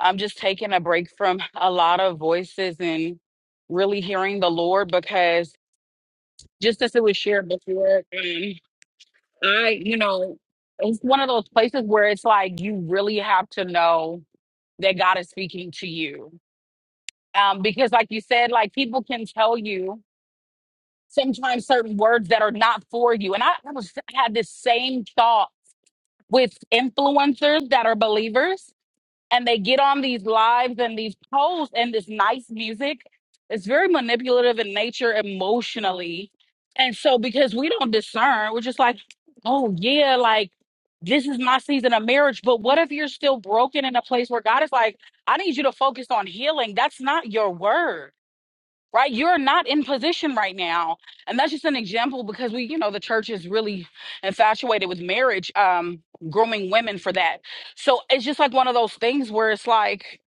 [SPEAKER 5] I'm just taking a break from a lot of voices and really hearing the Lord because just as it was shared before, um, I, you know, it's one of those places where it's like you really have to know that God is speaking to you um, because like you said like people can tell you sometimes certain words that are not for you and i, I was I had this same thought with influencers that are believers and they get on these lives and these posts and this nice music it's very manipulative in nature emotionally and so because we don't discern we're just like oh yeah like this is my season of marriage but what if you're still broken in a place where god is like i need you to focus on healing that's not your word right? You're not in position right now. And that's just an example because we, you know, the church is really infatuated with marriage, um, grooming women for that. So it's just like one of those things where it's like,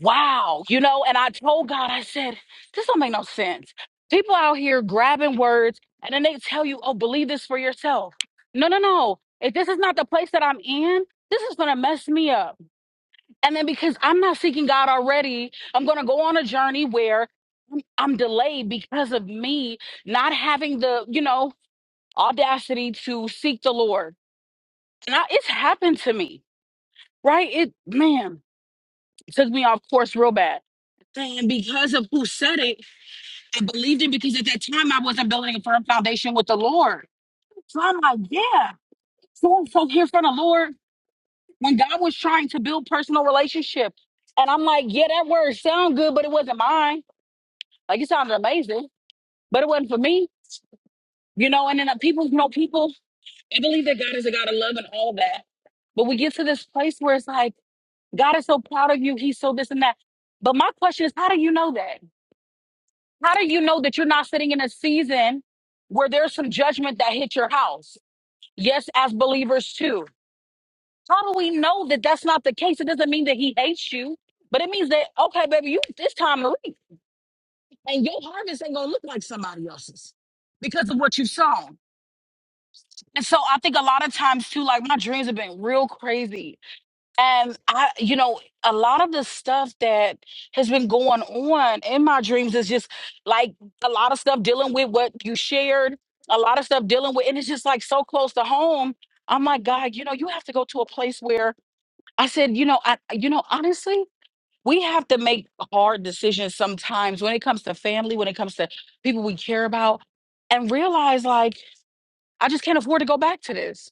[SPEAKER 5] wow, you know, and I told God, I said, this don't make no sense. People out here grabbing words and then they tell you, oh, believe this for yourself. No, no, no. If this is not the place that I'm in, this is going to mess me up. And then because I'm not seeking God already, I'm going to go on a journey where I'm delayed because of me not having the, you know, audacity to seek the Lord. Now it's happened to me, right? It man it took me off course real bad. And because of who said it, I believed it because at that time I wasn't building a firm foundation with the Lord. So I'm like, yeah. So, so here from the Lord when God was trying to build personal relationship. And I'm like, yeah, that word sound good, but it wasn't mine. Like it sounded amazing, but it wasn't for me. You know, and then uh, people, you know, people and believe that God is a God of love and all that. But we get to this place where it's like, God is so proud of you. He's so this and that. But my question is, how do you know that? How do you know that you're not sitting in a season where there's some judgment that hit your house? Yes, as believers too. How do we know that that's not the case? It doesn't mean that he hates you, but it means that, okay, baby, you it's time to reap. And your harvest ain't gonna look like somebody else's because of what you've sown. And so I think a lot of times too, like my dreams have been real crazy And I, you know, a lot of the stuff that has been going on in my dreams is just like a lot of stuff dealing with what you shared, a lot of stuff dealing with, and it's just like so close to home. I'm like, God, you know, you have to go to a place where I said, you know, I, you know, honestly, we have to make hard decisions sometimes when it comes to family, when it comes to people we care about, and realize like, I just can't afford to go back to this.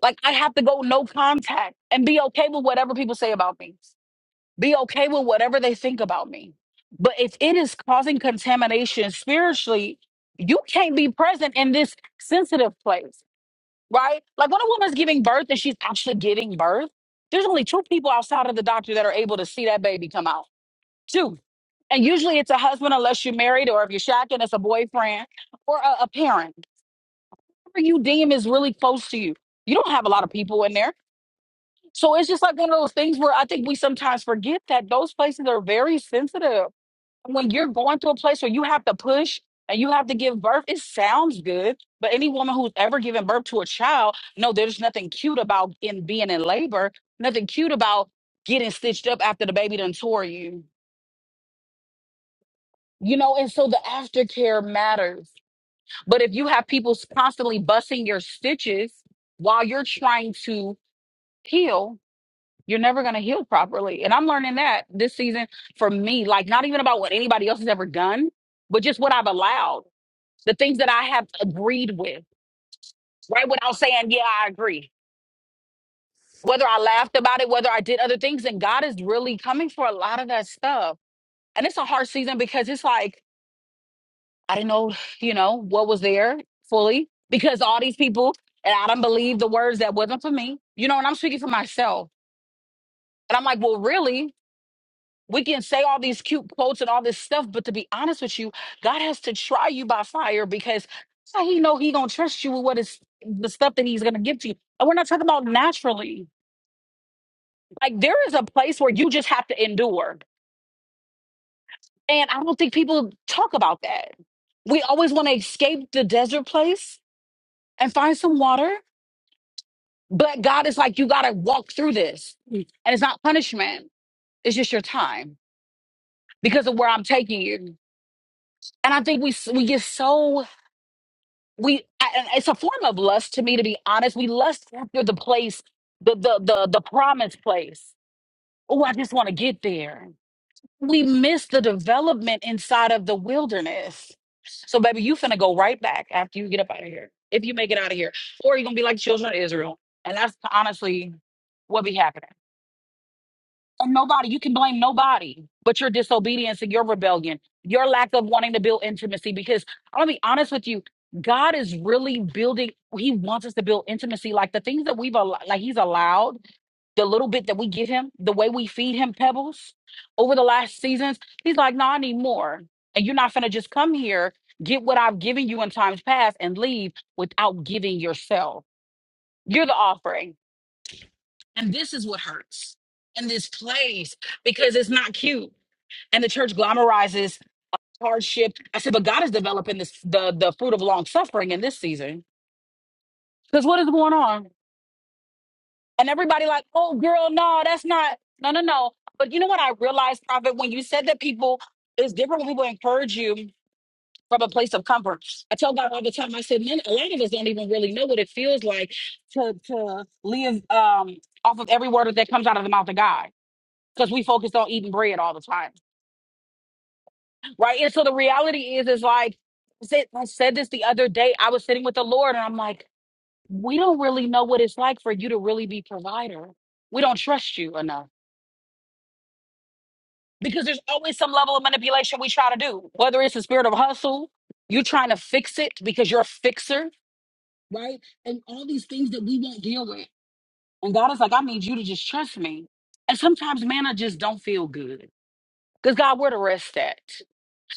[SPEAKER 5] Like, I have to go no contact and be okay with whatever people say about me be okay with whatever they think about me. But if it is causing contamination spiritually, you can't be present in this sensitive place, right? Like when a woman's giving birth and she's actually giving birth, there's only two people outside of the doctor that are able to see that baby come out. Two. And usually it's a husband, unless you're married, or if you're shacking, it's a boyfriend or a, a parent. Whoever you deem is really close to you. You don't have a lot of people in there. So it's just like one of those things where I think we sometimes forget that those places are very sensitive when you're going to a place where you have to push and you have to give birth, it sounds good. But any woman who's ever given birth to a child, no, there's nothing cute about in being in labor, nothing cute about getting stitched up after the baby done tore you. You know, and so the aftercare matters. But if you have people s- constantly busting your stitches while you're trying to heal, you're never going to heal properly. And I'm learning that this season for me, like not even about what anybody else has ever done, but just what I've allowed. the things that I have agreed with, right? Without saying, yeah, I agree. Whether I laughed about it, whether I did other things, and God is really coming for a lot of that stuff. And it's a hard season because it's like, I didn't know, you know, what was there fully because all these people, and I don't believe the words that wasn't for me, you know, and I'm speaking for myself. And I'm like, well, really? We can say all these cute quotes and all this stuff, but to be honest with you, God has to try you by fire because that's how he know he gonna trust you with what is the stuff that he's gonna give to you. And we're not talking about naturally. Like there is a place where you just have to endure. And I don't think people talk about that. We always want to escape the desert place and find some water, but God is like, you gotta walk through this. And it's not punishment, it's just your time because of where I'm taking you. And I think we s- we get so we I- and it's a form of lust to me to be honest we lust after the place the the the, the promised place oh i just want to get there we miss the development inside of the wilderness so baby you finna go right back after you get up out of here if you make it out of here or you're gonna be like children of israel and that's honestly what be happening and nobody, you can blame nobody but your disobedience and your rebellion, your lack of wanting to build intimacy. Because I'm gonna be honest with you, God is really building, He wants us to build intimacy. Like the things that we've al- like He's allowed, the little bit that we give Him, the way we feed Him pebbles over the last seasons, He's like, no, I need more. And you're not gonna just come here, get what I've given you in times past, and leave without giving yourself. You're the offering. And this is what hurts. in this place because it's not cute. And the church glamorizes hardship. I said, but God is developing this the the fruit of long suffering in this season. Because what is going on? And everybody like, oh girl, no, that's not no no no. But you know what I realized, Prophet, when you said that people it's different when people encourage you from a place of comfort. I tell God all the time, I said, man, a lot of us don't even really know what it feels like to to live um off of every word that comes out of the mouth of God because we focused on eating bread all the time, right? And so the reality is, is like I said, I said this the other day. I was sitting with the Lord, and I'm like, we don't really know what it's like for you to really be provider. We don't trust you enough because there's always some level of manipulation we try to do, whether it's the spirit of hustle, you trying to fix it because you're a fixer, right? And all these things that we won't deal with. And God is like, I need you to just trust me. And sometimes, man, I just don't feel good. Because God, where the rest at?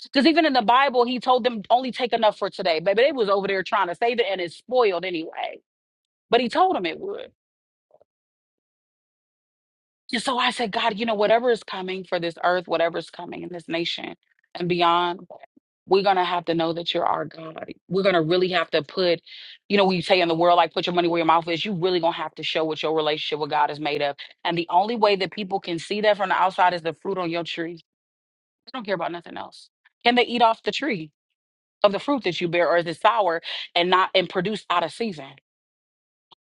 [SPEAKER 5] Because even in the Bible, he told them only take enough for today. Baby, they was over there trying to save it and it's spoiled anyway. But he told them it would. And so I said, God, you know, whatever is coming for this earth, whatever is coming in this nation and beyond, we're going to have to know that you're our God. We're going to really have to put, you know, we say in the world, like, put your money where your mouth is, you really going to have to show what your relationship with God is made of. And the only way that people can see that from the outside is the fruit on your tree. They don't care about nothing else. Can they eat off the tree? of the fruit that you bear, or is it sour and not and produced out of season?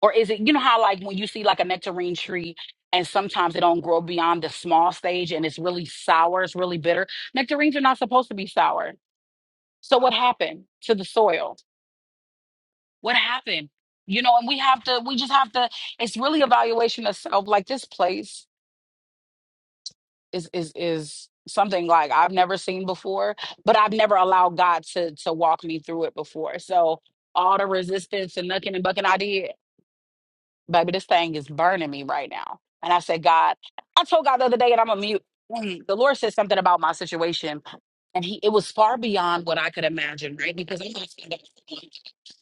[SPEAKER 5] Or is it, you know how like when you see like a nectarine tree and sometimes it don't grow beyond the small stage and it's really sour, it's really bitter. Nectarines are not supposed to be sour. So what happened to the soil? What happened? You know, and we have to, we just have to, it's really evaluation of self, like this place. is is is something like I've never seen before, but I've never allowed God to to walk me through it before. So all the resistance and looking and bucking I did, baby, this thing is burning me right now. And I said, God, I told God the other day, and I'm a mute. mm, The Lord said something about my situation, and He it was far beyond what I could imagine, right? Because I'm not standing up.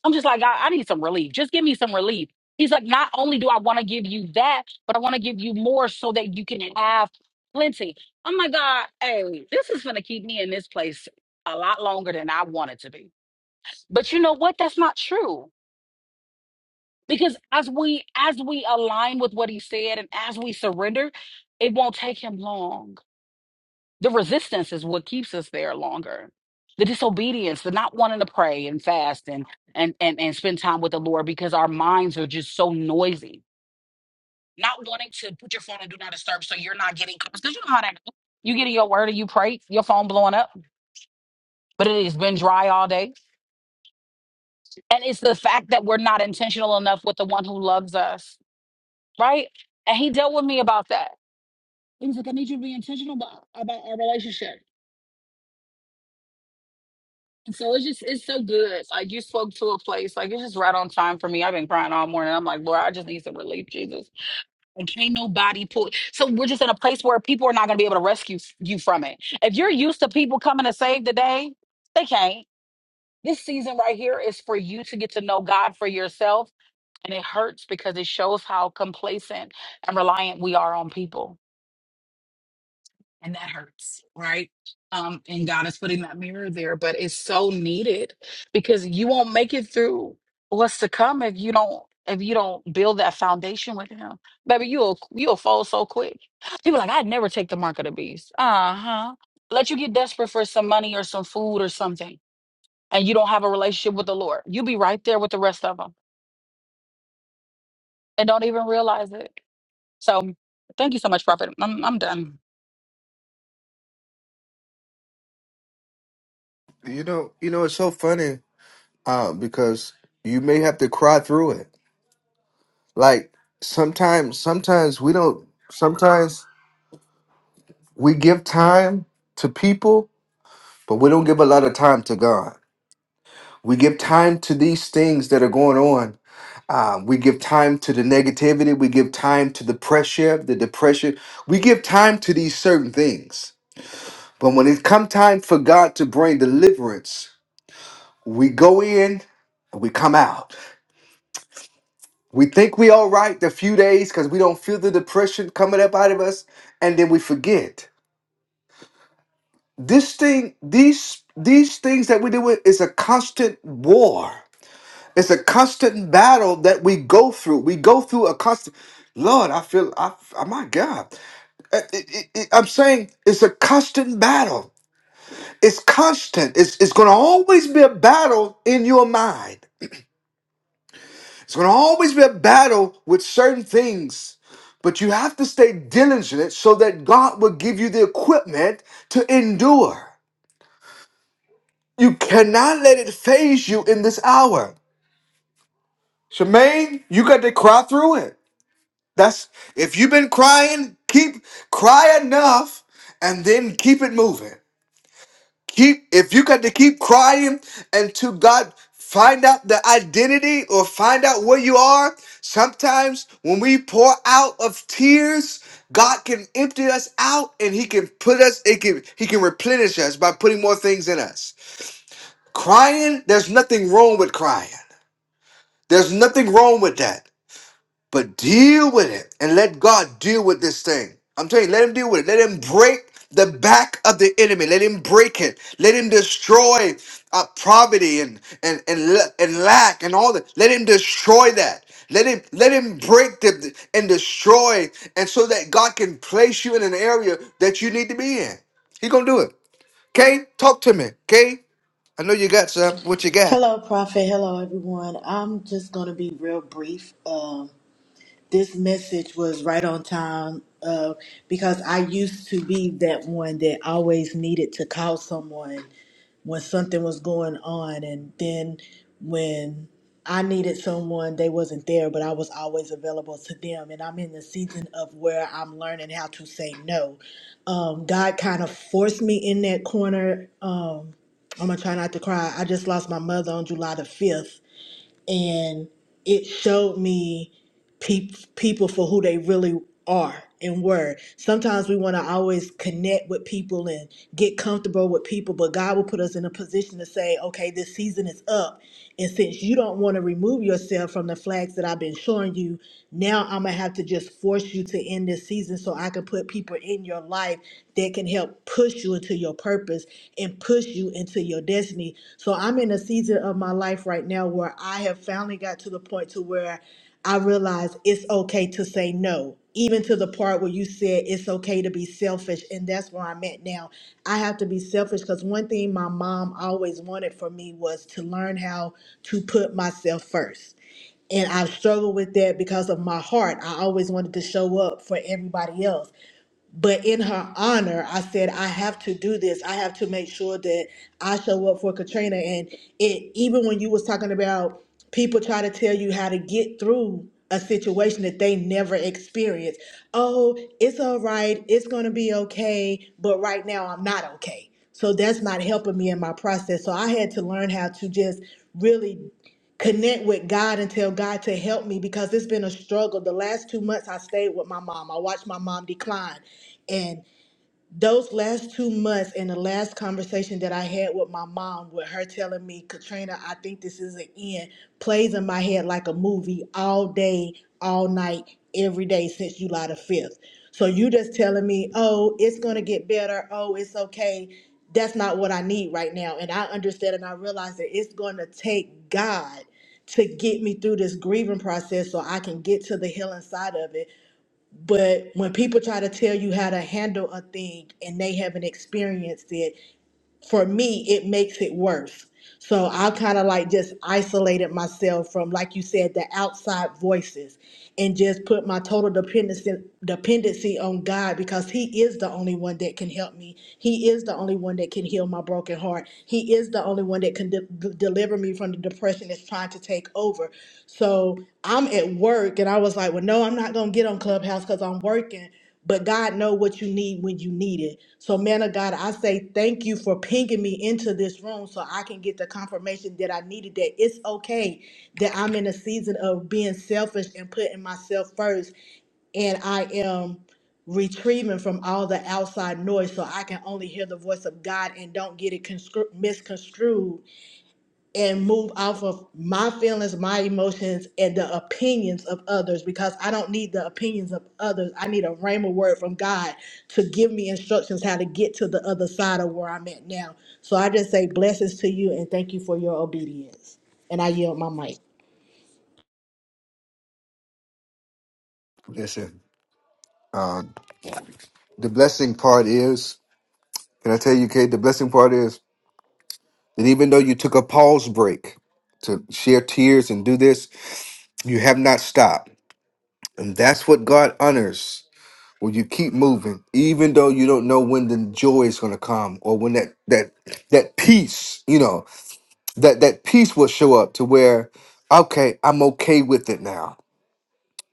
[SPEAKER 5] I'm just like, God, I need some relief. Just give me some relief. He's like, not only do I want to give you that, but I want to give you more so that you can have plenty. Oh my God, hey, this is gonna keep me in this place a lot longer than I want it to be. But you know what? That's not true because as we as we align with what he said and as we surrender it won't take him long the resistance is what keeps us there longer the disobedience the not wanting to pray and fast and and and, and spend time with the lord because our minds are just so noisy not wanting to put your phone on do not disturb so you're not getting calls because you know how that goes you get in your word and you pray your phone blowing up but it has been dry all day and it's the fact that we're not intentional enough with the one who loves us right and he dealt with me about that He was like, I need you to be intentional about, about our relationship. And so it's just, it's so good. Like you spoke to a place, like it's just right on time for me. I've been crying all morning. I'm like, Lord, I just need some relief, Jesus. And can't nobody pull. So we're just in a place where people are not going to be able to rescue f- you from it. If you're used to people coming to save the day, they can't. This season right here is for you to get to know God for yourself. And it hurts because it shows how complacent and reliant we are on people and that hurts right um and god is putting that mirror there but it's so needed because you won't make it through what's to come if you don't if you don't build that foundation with him baby you'll you'll fold so quick people like i'd never take the mark of the beast uh-huh let you get desperate for some money or some food or something and you don't have a relationship with the lord you'll be right there with the rest of them and don't even realize it so thank you so much prophet i'm, I'm done
[SPEAKER 1] You know, you know, it's so funny uh, because you may have to cry through it. Like sometimes, sometimes we don't. Sometimes we give time to people, but we don't give a lot of time to God. We give time to these things that are going on Um, we give time to the negativity. We give time to the pressure, the depression. We give time to these certain things. But when it come time for God to bring deliverance, we go in and we come out. We think we all right the few days because we don't feel the depression coming up out of us, and then we forget. This thing, these these things that we do with is a constant war. It's a constant battle that we go through. We go through a constant. Lord, I feel I, I my God. Uh, it- it- it- I'm saying it's a constant battle. It's constant. It's, it's going to always be a battle in your mind. It's going to always be a battle with certain things. But you have to stay diligent so that God will give you the equipment to endure. You cannot let it phase you in this hour. Shemaine, you got to cry through it. That's if you've been crying, keep cry enough and then keep it moving. keep if you got to keep crying until God find out the identity or find out where you are. Sometimes when we pour out of tears, God can empty us out and He can put us, it can He can replenish us by putting more things in us. Crying, there's nothing wrong with crying. There's nothing wrong with that. But deal with it and let God deal with this thing. I'm telling you, let him deal with it. Let him break the back of the enemy. Let him break it. Let him destroy uh, poverty and and and, la- and lack and all that. Let him destroy that. Let him let him break the and destroy, and so that God can place you in an area that you need to be in. He gonna do it. Okay, talk to me. Okay, I know you got some. What you got?
[SPEAKER 6] Hello, Prophet. Hello, everyone. I'm just going to be real brief. Um, this message was right on time uh, because I used to be that one that always needed to call someone when something was going on, and then when I needed someone, they wasn't there, but I was always available to them. And I'm in the season of where I'm learning how to say no. Um, God kind of forced me in that corner. Um, I'm gonna try not to cry. I just lost my mother on July the 5th, and it showed me peop people for who they really are and were. Sometimes we want to always connect with people and get comfortable with people, but God will put us in a position to say, okay, this season is up. And since you don't want to remove yourself from the flags that I've been showing you, now I'm going to have to just force you to end this season so I can put people in your life that can help push you into your purpose and push you into your destiny. So I'm in a season of my life right now where I have finally got to the point to where I realized it's okay to say no, even to the part where you said it's okay to be selfish. And that's where I'm at now. I have to be selfish because one thing my mom always wanted for me was to learn how to put myself first. And I've struggled with that because of my heart. I always wanted to show up for everybody else. But in her honor, I said, I have to do this. I have to make sure that I show up for Katrina. And it even when you was talking about people try to tell you how to get through a situation that they never experienced. Oh, it's all right, it's gonna be okay, but right now I'm not okay. So that's not helping me in my process. So I had to learn how to just really connect with God and tell God to help me because it's been a struggle. The last two months I stayed with my mom. I watched my mom decline. And those last two months and the last conversation that I had with my mom, with her telling me, Katrina, I think this is an end, plays in my head like a movie all day, all night, every day since July the 5th. So you just telling me, oh, it's going to get better. Oh, it's okay. That's not what I need right now. And I understand and I realize that it's going to take God to get me through this grieving process so I can get to the healing side of it but when people try to tell you how to handle a thing and they haven't experienced it, for me, it makes it worse. So I kind of like just isolated myself from, like you said, the outside voices and just put my total dependency dependency on God because He is the only one that can help me. He is the only one that can heal my broken heart. He is the only one that can de- de- deliver me from the depression that's trying to take over. So I'm at work and I was like, well, no, I'm not gonna get on Clubhouse because I'm working but God know what you need when you need it. So, man of God, I say thank you for pinging me into this room so I can get the confirmation that I needed. That it's okay that I'm in a season of being selfish and putting myself first, and I am retrieving from all the outside noise so I can only hear the voice of God and don't get it conscru- misconstrued and move off of my feelings, my emotions, and the opinions of others because I don't need the opinions of others. I need a rhema word from God to give me instructions how to get to the other side of where I'm at now. So I just say blessings to you and thank you for your obedience. And I yield my mic.
[SPEAKER 1] Listen, uh, the blessing part is. Can I tell you, Kate? The blessing part is. That even though you took a pause break to share tears and do this, you have not stopped. And that's what God honors when you keep moving, even though you don't know when the joy is gonna come or when that that that peace, you know, that that peace will show up to where, okay, I'm okay with it now.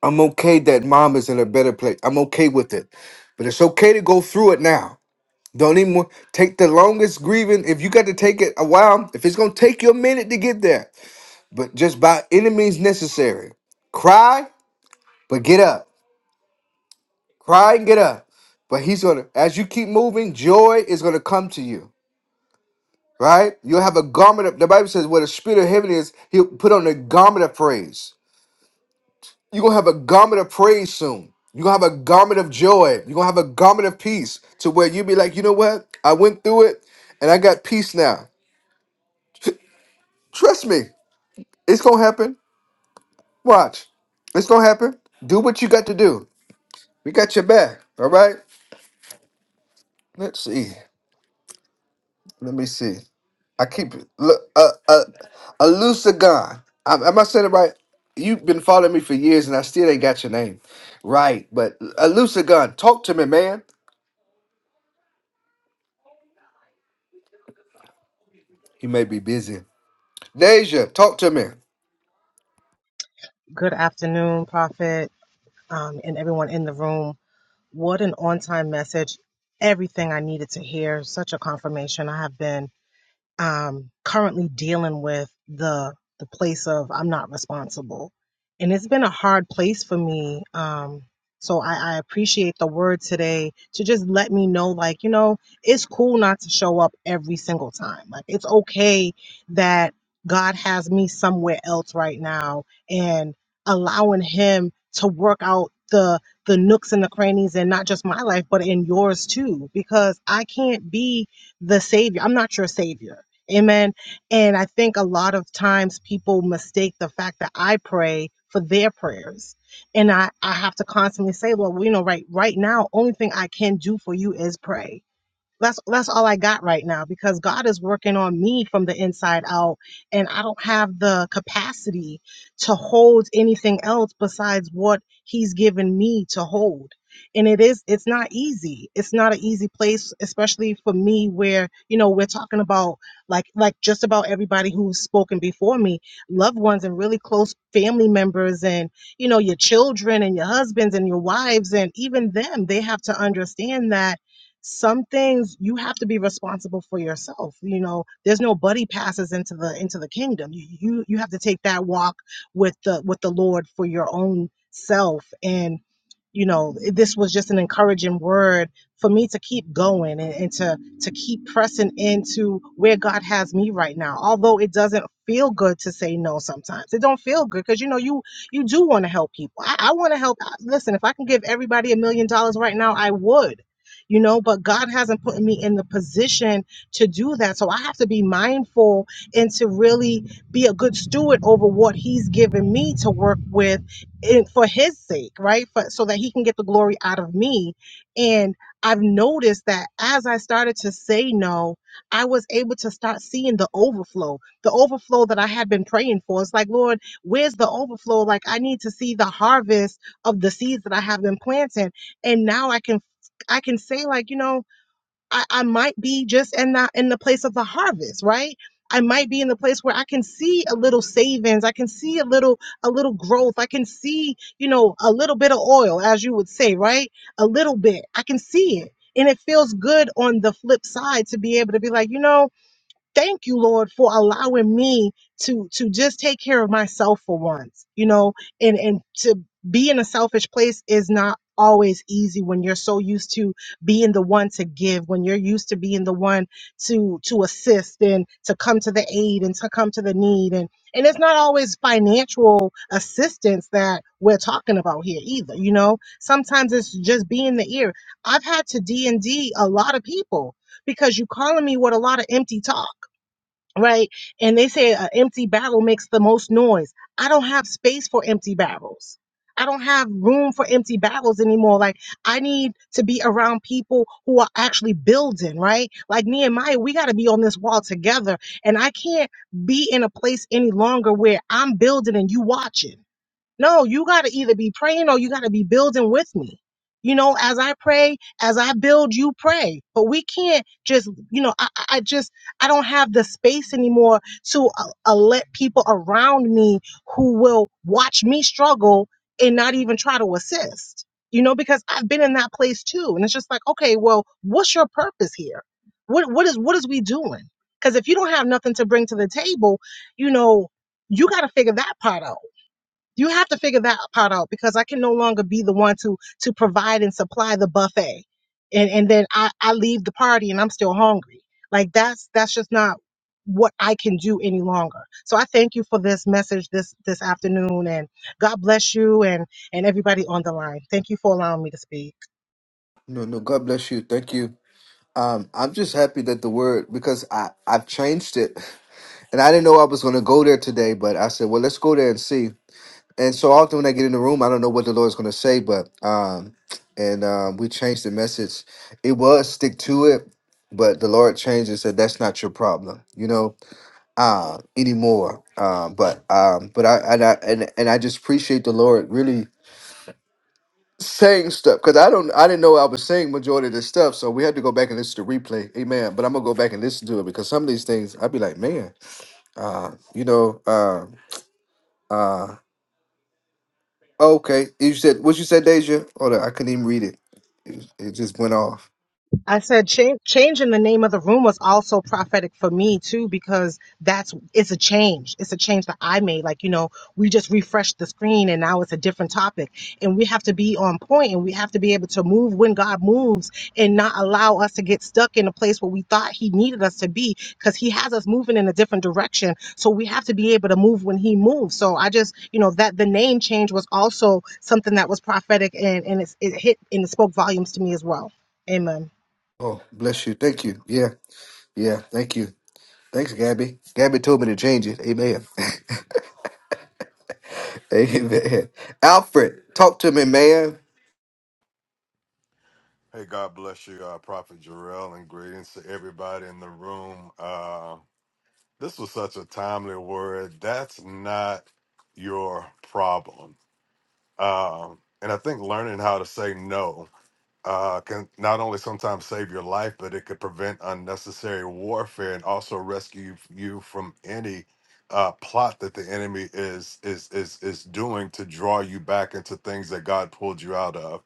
[SPEAKER 1] I'm okay that mom is in a better place. I'm okay with it. But it's okay to go through it now. Don't even wa- take the longest grieving. If you got to take it a while, if it's gonna take you a minute to get there, but just by any means necessary. Cry, but get up. Cry and get up. But he's gonna, as you keep moving, joy is gonna come to you. Right? You'll have a garment of the Bible says where the spirit of heaven is, he'll put on a garment of praise. You're gonna have a garment of praise soon. You're gonna have a garment of joy. You're gonna have a garment of peace to where you'll be like, you know what? I went through it and I got peace now. Trust me, it's gonna happen. Watch. It's gonna happen. Do what you got to do. We got your back. All right. Let's see. Let me see. I keep it. look uh, uh, a Lucagon. Am am I saying it right? You've been following me for years, and I still ain't got your name right. But a Lucagon, talk to me, man. He may be busy. Deja, talk to me.
[SPEAKER 7] Good afternoon, Prophet, um, and everyone in the room. What an on time message. Everything I needed to hear. Such a confirmation. I have been um, currently dealing with the the place of I'm not responsible, and it's been a hard place for me. Um, so I, I appreciate the word today to just let me know, like you know, it's cool not to show up every single time. Like it's okay that God has me somewhere else right now, and allowing Him to work out the the nooks and the crannies and not just my life but in yours too because i can't be the savior i'm not your savior Amen. And I think a lot of times people mistake the fact that I pray for their prayers. And I, I have to constantly say, well, you know, right right now, only thing I can do for you is pray that's that's all I got right now because God is working on me from the inside out and I don't have the capacity to hold anything else besides what he's given me to hold. And it is it's not easy. It's not an easy place especially for me where, you know, we're talking about like like just about everybody who's spoken before me, loved ones and really close family members and, you know, your children and your husbands and your wives and even them, they have to understand that some things you have to be responsible for yourself you know there's no buddy passes into the into the kingdom you you, you have to take that walk with the with the lord for your own self and you know this was just an encouraging word for me to keep going and, and to to keep pressing into where god has me right now although it doesn't feel good to say no sometimes it don't feel good because you know you you do want to help people i, I want to help listen if i can give everybody a million dollars right now i would you know but god hasn't put me in the position to do that so i have to be mindful and to really be a good steward over what he's given me to work with and for his sake, right? For, so that he can get the glory out of me. And I've noticed that as I started to say no, I was able to start seeing the overflow, the overflow that I had been praying for. It's like, Lord, where's the overflow? Like, I need to see the harvest of the seeds that I have been planting. And now I can. I can say like you know I, I might be just in the in the place of the harvest, right? I might be in the place where I can see a little savings, I can see a little a little growth, I can see, you know, a little bit of oil, as you would say, right? A little bit. I can see it. And it feels good on the flip side to be able to be like, you know, thank you lord for allowing me to to just take care of myself for once you know and and to be in a selfish place is not always easy when you're so used to being the one to give when you're used to being the one to to assist and to come to the aid and to come to the need and and it's not always financial assistance that we're talking about here either you know sometimes it's just being the ear i've had to d and D a lot of people because you calling me with a lot of empty talk right? And they say an empty barrel makes the most noise. I don't have space for empty barrels. I don't have room for empty barrels anymore. Like I need to be around people who are actually building, right? Like Nehemiah, we got to be on this wall together. And I can't be in a place any longer where I'm building and you watching. No, you got to either be praying or you got to be building with me. You know, as I pray, as I build, you pray. But we can't just, you know, I, I I just, I don't have the space anymore to uh, uh, let people around me who will watch me struggle and not even try to assist, you know, because I've been in that place too. And it's just like, okay, well, what's your purpose here? What, what is, what is we doing? Because if you don't have nothing to bring to the table, you know, you got to figure that part out you have to figure that part out because I can no longer be the one to to provide and supply the buffet, and and then I I leave the party and I'm still hungry. Like that's that's just not what I can do any longer. So I thank you for this message this this afternoon, and God bless you and and everybody on the line. Thank you for allowing me to speak.
[SPEAKER 1] No, no. God bless you. Thank you. Um, I'm just happy that the word because I I've changed it, and I didn't know I was gonna go there today, but I said, well, let's go there and see. and so often when I get in the room, I don't know what the Lord's going to say, but um, and um, we changed the message. It was stick to it, but the Lord changed and said that's not your problem, you know, uh, anymore. Um, but um, but I and I and, and I just appreciate the Lord really saying stuff because I don't I didn't know I was saying majority of this stuff, so we had to go back and listen to replay. Amen. But I'm gonna go back and listen to it because some of these things I'd be like, man, uh, you know, uh, uh. Okay, you said what you said, Deja. Hold on, I couldn't even read it. It just went off.
[SPEAKER 7] I said change changing the name of the room was also prophetic for me too because that's it's a change. It's a change that I made. Like, you know, we just refreshed the screen and now it's a different topic. And we have to be on point and we have to be able to move when God moves and not allow us to get stuck in a place where we thought he needed us to be because he has us moving in a different direction. So we have to be able to move when he moves. So I just, you know, that the name change was also something that was prophetic and and it's, it hit and it spoke volumes to me as well. Amen.
[SPEAKER 1] Oh, bless you. Thank you. Yeah. Yeah. Thank you. Thanks, Gabby. Gabby told me to change it. Amen. Amen. Alfred, talk to me, man.
[SPEAKER 8] Hey, God bless you, uh, Prophet Jarrell, and greetings to everybody in the room. Uh, this was such a timely word. That's not your problem. Um, and I think learning how to say no uh, can not only sometimes save your life, but it could prevent unnecessary warfare and also rescue you from any uh, plot that the enemy is is is is doing to draw you back into things that God pulled you out of.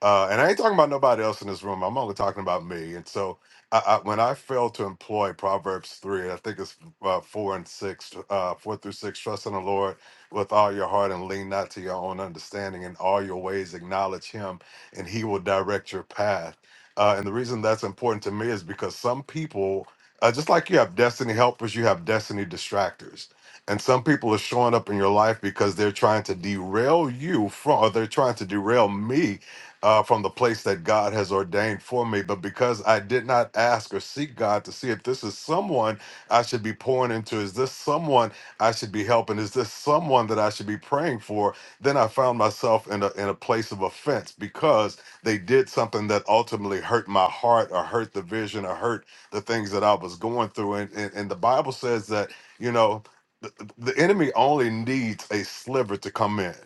[SPEAKER 8] Uh, and I ain't talking about nobody else in this room. I'm only talking about me. And so I, I, when I fail to employ Proverbs 3, and I think it's uh, 4 and 6, uh, 4 through 6, trust in the Lord with all your heart and lean not to your own understanding. In all your ways, acknowledge him, and he will direct your path. Uh, and the reason that's important to me is because some people, uh, just like you have destiny helpers, you have destiny distractors. And some people are showing up in your life because they're trying to derail you from, or they're trying to derail me uh, from the place that God has ordained for me. But because I did not ask or seek God to see if this is someone I should be pouring into, is this someone I should be helping, is this someone that I should be praying for, then I found myself in a, in a place of offense because they did something that ultimately hurt my heart or hurt the vision or hurt the things that I was going through. And, and, and the Bible says that, you know, the, the enemy only needs a sliver to come in.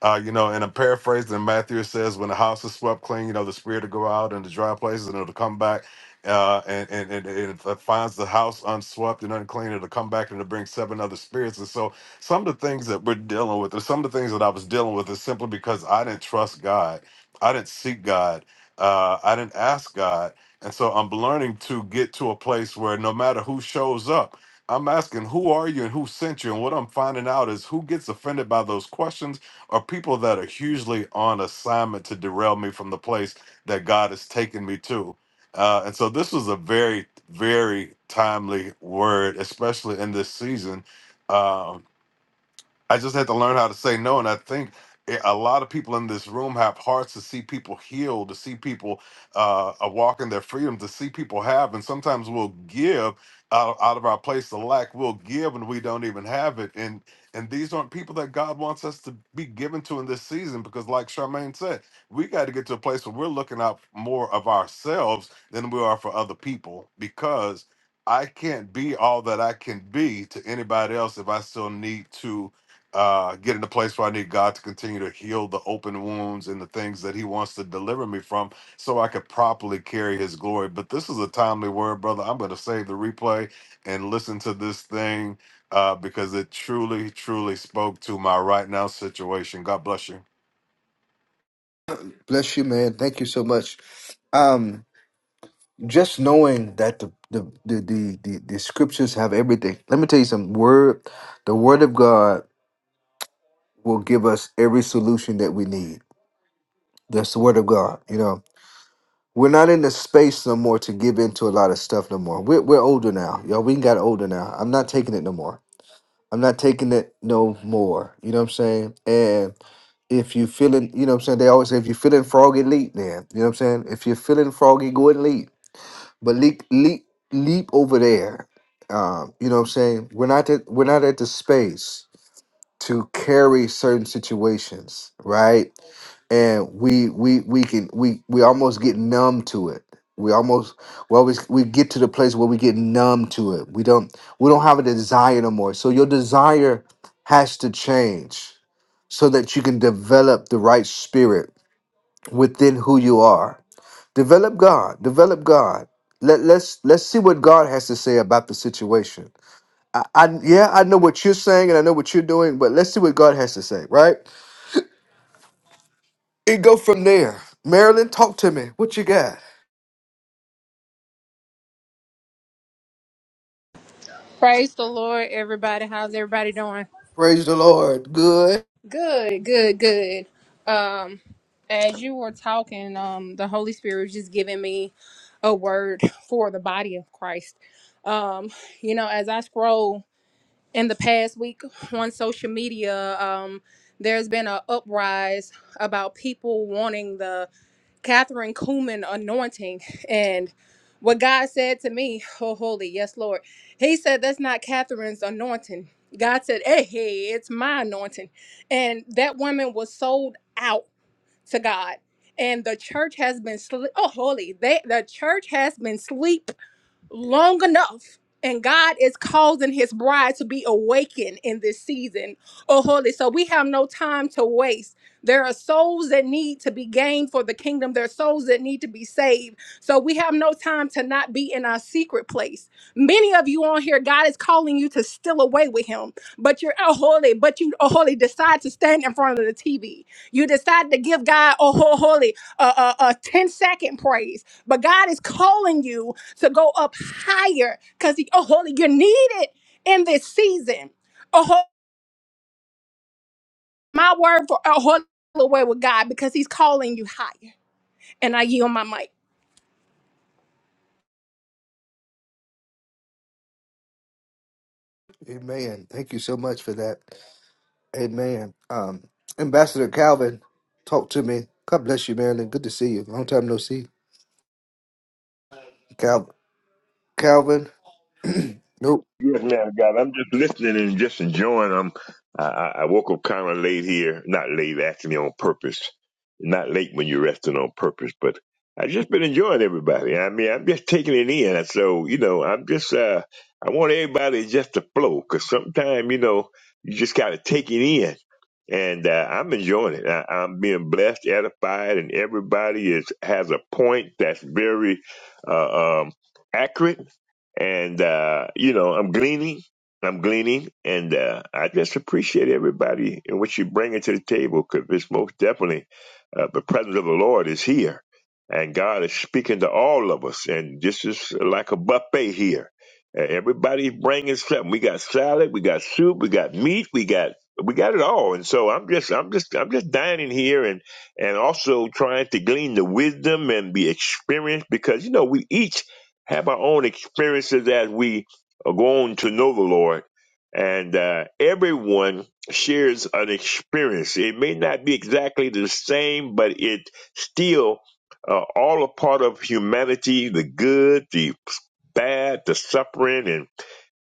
[SPEAKER 8] Uh, you know, and I'm paraphrasing Matthew says, when the house is swept clean, you know, the spirit will go out in the dry places and it'll come back. Uh, and, and, and, and if it finds the house unswept and unclean, it'll come back and it'll bring seven other spirits. And so some of the things that we're dealing with, or some of the things that I was dealing with, is simply because I didn't trust God. I didn't seek God. Uh, I didn't ask God. And so I'm learning to get to a place where no matter who shows up, I'm asking, who are you and who sent you? And what I'm finding out is who gets offended by those questions are people that are hugely on assignment to derail me from the place that God has taken me to. Uh, and so this was a very, very timely word, especially in this season. Um, I just had to learn how to say no. And I think i- a lot of people in this room have hearts to see people heal, to see people uh, uh, walk in their freedom, to see people have. And sometimes we'll give out, out of our place of lack. We'll give and we don't even have it. And and these aren't people that God wants us to be given to in this season because, like Charmaine said, we got to get to a place where we're looking out more of ourselves than we are for other people because I can't be all that I can be to anybody else if I still need to uh, get in a place where I need God to continue to heal the open wounds and the things that He wants to deliver me from so I could properly carry His glory. But this is a timely word, brother. I'm going to save the replay and listen to this thing uh, because it truly, truly spoke to my right now situation. God bless you.
[SPEAKER 1] Bless you, man. Thank you so much. Um, just knowing that the the the the, the, the scriptures have everything. Let me tell you some word. The word of God will give us every solution that we need. That's the word of God, you know. We're not in the space no more to give in to a lot of stuff no more. We're we're older now, y'all. We got older now. I'm not taking it no more. I'm not taking it no more. You know what I'm saying? And if you feeling, you know what I'm saying, they always say if you're feeling froggy, leap then. You know what I'm saying? If you're feeling froggy, go and leap. But leap leap leap over there. Um, you know what I'm saying? We're not at, we're not at the space to carry certain situations, right? and we we we can we we almost get numb to it we almost well we, always- we get to the place where we get numb to it we don't we don't have a desire no more so your desire has to change so that you can develop the right spirit within who you are develop god develop god Let, let's let's see what god has to say about the situation I, I yeah i know what you're saying and i know what you're doing but let's see what god has to say right It go from there. Marilyn, talk to me. What you got?
[SPEAKER 9] Praise the Lord, everybody. How's everybody doing?
[SPEAKER 1] Praise the Lord. Good.
[SPEAKER 9] Good, good, good. Um, as you were talking, um, the Holy Spirit was just giving me a word for the body of Christ. Um, you know, as I scroll in the past week on social media, um, there's been an uprise about people wanting the Catherine Kuhlman anointing and what God said to me, oh holy, yes, Lord. He said that's not Catherine's anointing. God said, Hey, hey, it's my anointing. And that woman was sold out to God. And the church has been sleep. Oh, holy. They the church has been sleep long enough and God is causing his bride to be awakened in this season. Oh, holy. So we have no time to waste. There are souls that need to be gained for the kingdom. There are souls that need to be saved. So we have no time to not be in our secret place. Many of you on here, God is calling you to steal away with him, but you're oh, holy, but you oh, holy decide to stand in front of the TV. You decide to give God oh, ho- holy a, a, a 10 second praise, but God is calling you to go up higher because oh holy you're needed in this season oh ho- my word for a holy way with god because he's calling you higher and i yield my mic
[SPEAKER 1] Amen. Thank you so much for that. Amen. Um, Ambassador Calvin, talk to me. God bless you, Marilyn. Good to see you. Long time no see. Cal- Calvin. Nope.
[SPEAKER 10] Yes, man, God. I'm just listening and just enjoying. Um, I, I I woke up kind of late here. Not late, actually, on purpose. Not late when you're resting on purpose, but I've just been enjoying everybody. I mean, I'm just taking it in. And So, you know, I'm just, uh, I want everybody just to flow because sometimes, you know, you just got to take it in. And uh, I'm enjoying it. I, I'm being blessed, edified, and everybody is has a point that's very uh, um, accurate and, uh, you know, I'm gleaning. I'm gleaning. And uh, I just appreciate everybody and what you bring to the table because it's most definitely uh, the presence of the Lord is here. And God is speaking to all of us. And this is like a buffet here. Uh, Everybody's bringing something. We got salad, we got soup, we got meat, we got we got it all. And so I'm just I'm just I'm just dining here and and also trying to glean the wisdom and the experience because you know we each have our own experiences as we are going to know the Lord. And uh, everyone shares an experience. It may not be exactly the same, but it still uh, all a part of humanity, the good, the bad, the suffering, and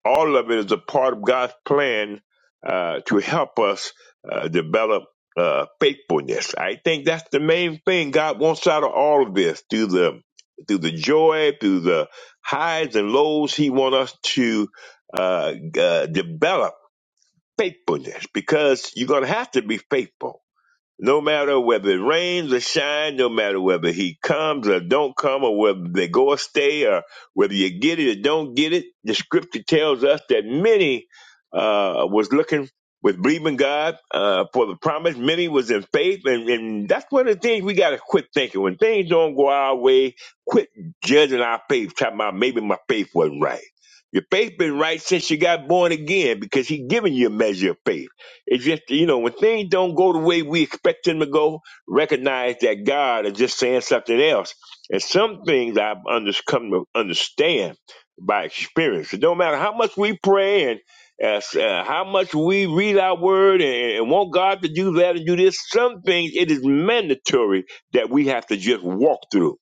[SPEAKER 10] all of it is a part of God's plan uh, to help us uh, develop uh, faithfulness. I think that's the main thing God wants out of all of this through the through the joy, through the highs and lows. He wants us to uh, uh, develop faithfulness because you're going to have to be faithful no matter whether it rains or shine, no matter whether he comes or don't come, or whether they go or stay, or whether you get it or don't get it, the scripture tells us that many uh, was looking with believing God uh, for the promise. Many was in faith, and, and that's one of the things we got to quit thinking. When things don't go our way, quit judging our faith. Talking about maybe my faith wasn't right. Your faith been right since you got born again because He given you a measure of faith. It's just, you know, when things don't go the way we expect them to go, recognize that God is just saying something else. And some things I've under, come to understand by experience. It don't matter how much we pray and uh, uh, how much we read our word and, and want God to do that and do this, some things it is mandatory that we have to just walk through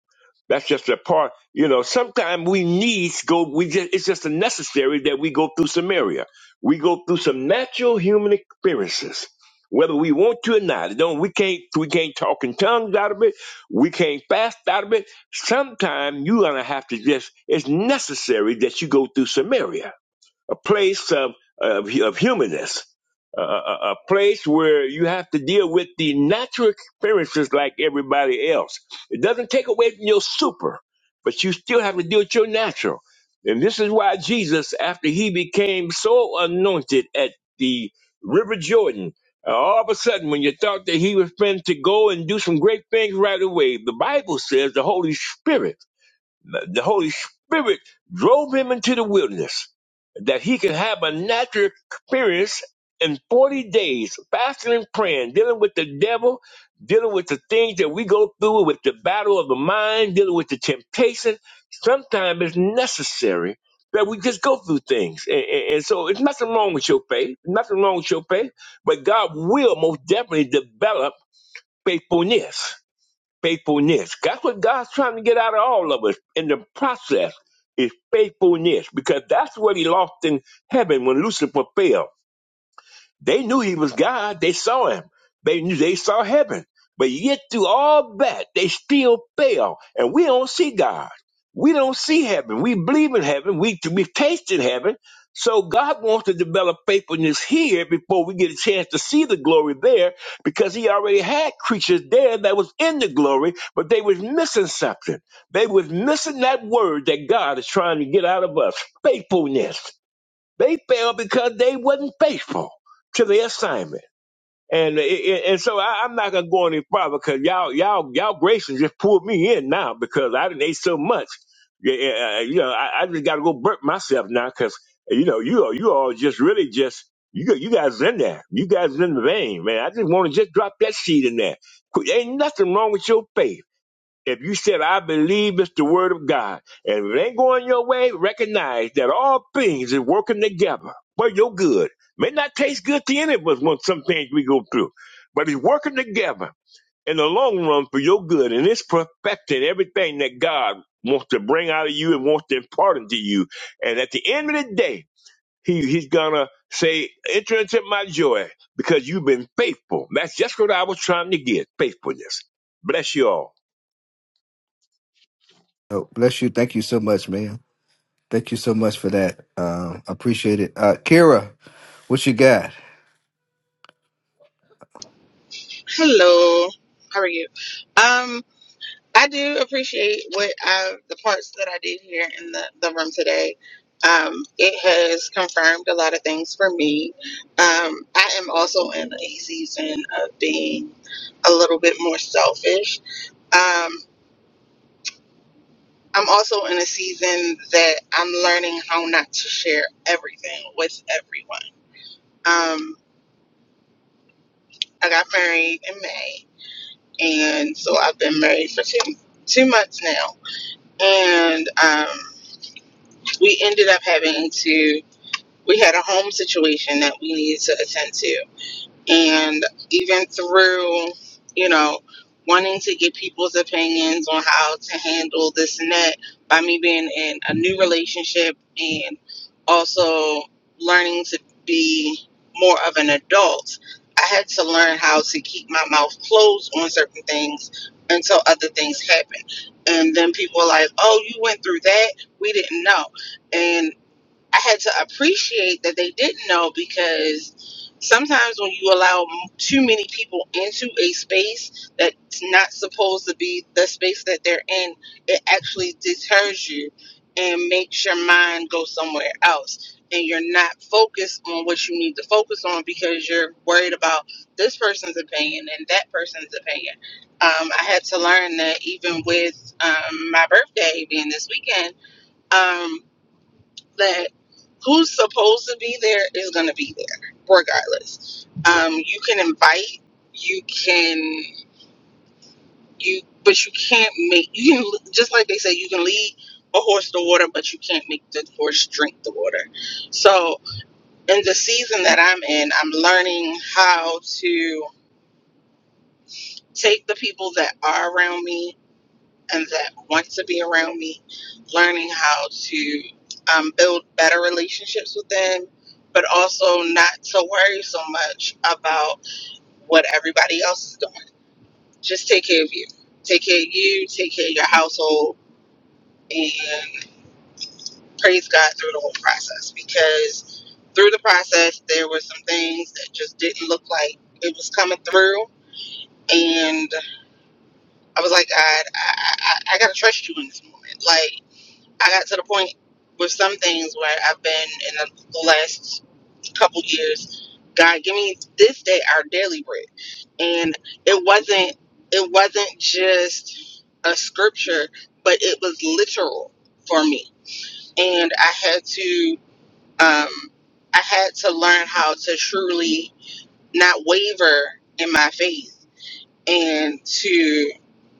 [SPEAKER 10] that's just a part. You know, sometimes we need to go. We just it's just a necessary that we go through Samaria. We go through some natural human experiences, whether we want to or not. It Don't we can't we can't talk in tongues out of it. We can't fast out of it. Sometimes you're gonna have to just. It's necessary that you go through Samaria a place of, of, of humanness, a, a, a place where you have to deal with the natural experiences like everybody else. It doesn't take away from your super, but you still have to deal with your natural. And this is why Jesus, after he became so anointed at the River Jordan, uh, all of a sudden, when you thought that he was meant to go and do some great things right away, the Bible says the Holy Spirit the Holy Spirit drove him into the wilderness that he could have a natural experience in 40 days, fasting and praying, dealing with the devil, dealing with the things that we go through, with the battle of the mind, dealing with the temptation. Sometimes it's necessary that we just go through things. And, and, and so it's nothing wrong with your faith, nothing wrong with your faith, but God will most definitely develop faithfulness faithfulness. That's what God's trying to get out of all of us in the process is faithfulness because that's what he lost in heaven when Lucifer fell. They knew he was God. They saw him. They knew they saw heaven. But yet through all that, they still fail. And we don't see God. We don't see heaven. We believe in heaven. We, we taste in heaven. So God wants to develop faithfulness here before we get a chance to see the glory there because he already had creatures there that was in the glory, but they was missing something. They was missing that word that God is trying to get out of us, faithfulness. They failed because they wasn't faithful to their assignment. And and and so I, I'm not gonna go any farther because y'all y'all y'all gracious just pulled me in now because I didn't ate so much. Yeah, yeah, uh, uh, you know I, I just gotta go burp myself now because you know you all you all just really just you got- you guys in there you guys in the vein man. I just want to just drop that seed in there. Qu- Ain't nothing wrong with your faith. If you said, I believe it's the word of God, and if it ain't going your way, recognize that all things is working together for your good. May not taste good to any of us when some things we go through, but it's working together in the long run for your good, and it's perfecting everything that God wants to bring out of you and wants to impart into you. And at the end of the day, he, he's gonna say, enter into my joy because you've been faithful. That's just what I was trying to get, faithfulness. Bless you all.
[SPEAKER 1] Nope. Bless you. Thank you so much, man. Thank you so much for that. Um, appreciate it. Uh, Kira, what you got?
[SPEAKER 11] Hello. How are you? Um, I do appreciate what I, the parts that I did here in the, the room today. Um, it has confirmed a lot of things for me. Um, I am also in a season of being a little bit more selfish. Um, I'm also in a season that I'm learning how not to share everything with everyone. Um, I got married in May, and so I've been married for two two months now and um, we ended up having to we had a home situation that we needed to attend to and even through you know wanting to get people's opinions on how to handle this and that by me being in a new relationship and also learning to be more of an adult i had to learn how to keep my mouth closed on certain things until other things happen and then people are like oh you went through that we didn't know And I had to appreciate that they didn't know because sometimes when you allow m- too many people into a space that's not supposed to be the space that they're in, it actually deters you and makes your mind go somewhere else. And you're not focused on what you need to focus on because you're worried about this person's opinion and that person's opinion. Um, I had to learn that even with um, my birthday being this weekend, um, that who's supposed to be there is going to be there regardless um you can invite you can you but you can't make you can just like they say you can lead a horse to water but you can't make the horse drink the water so in the season that i'm in i'm learning how to take the people that are around me and that want to be around me, learning how to um, build better relationships with them, but also not to worry so much about what everybody else is doing. Just take care of you. Take care of you, take care of your household, and praise God through the whole process because through the process, there were some things that just didn't look like it was coming through. And I was like, God, I, I, I I gotta trust you in this moment. Like, I got to the point with some things where I've been in the last couple years, God, give me this day our daily bread. And it wasn't it wasn't just a scripture, but it was literal for me. And I had to um I had to learn how to truly not waver in my faith and to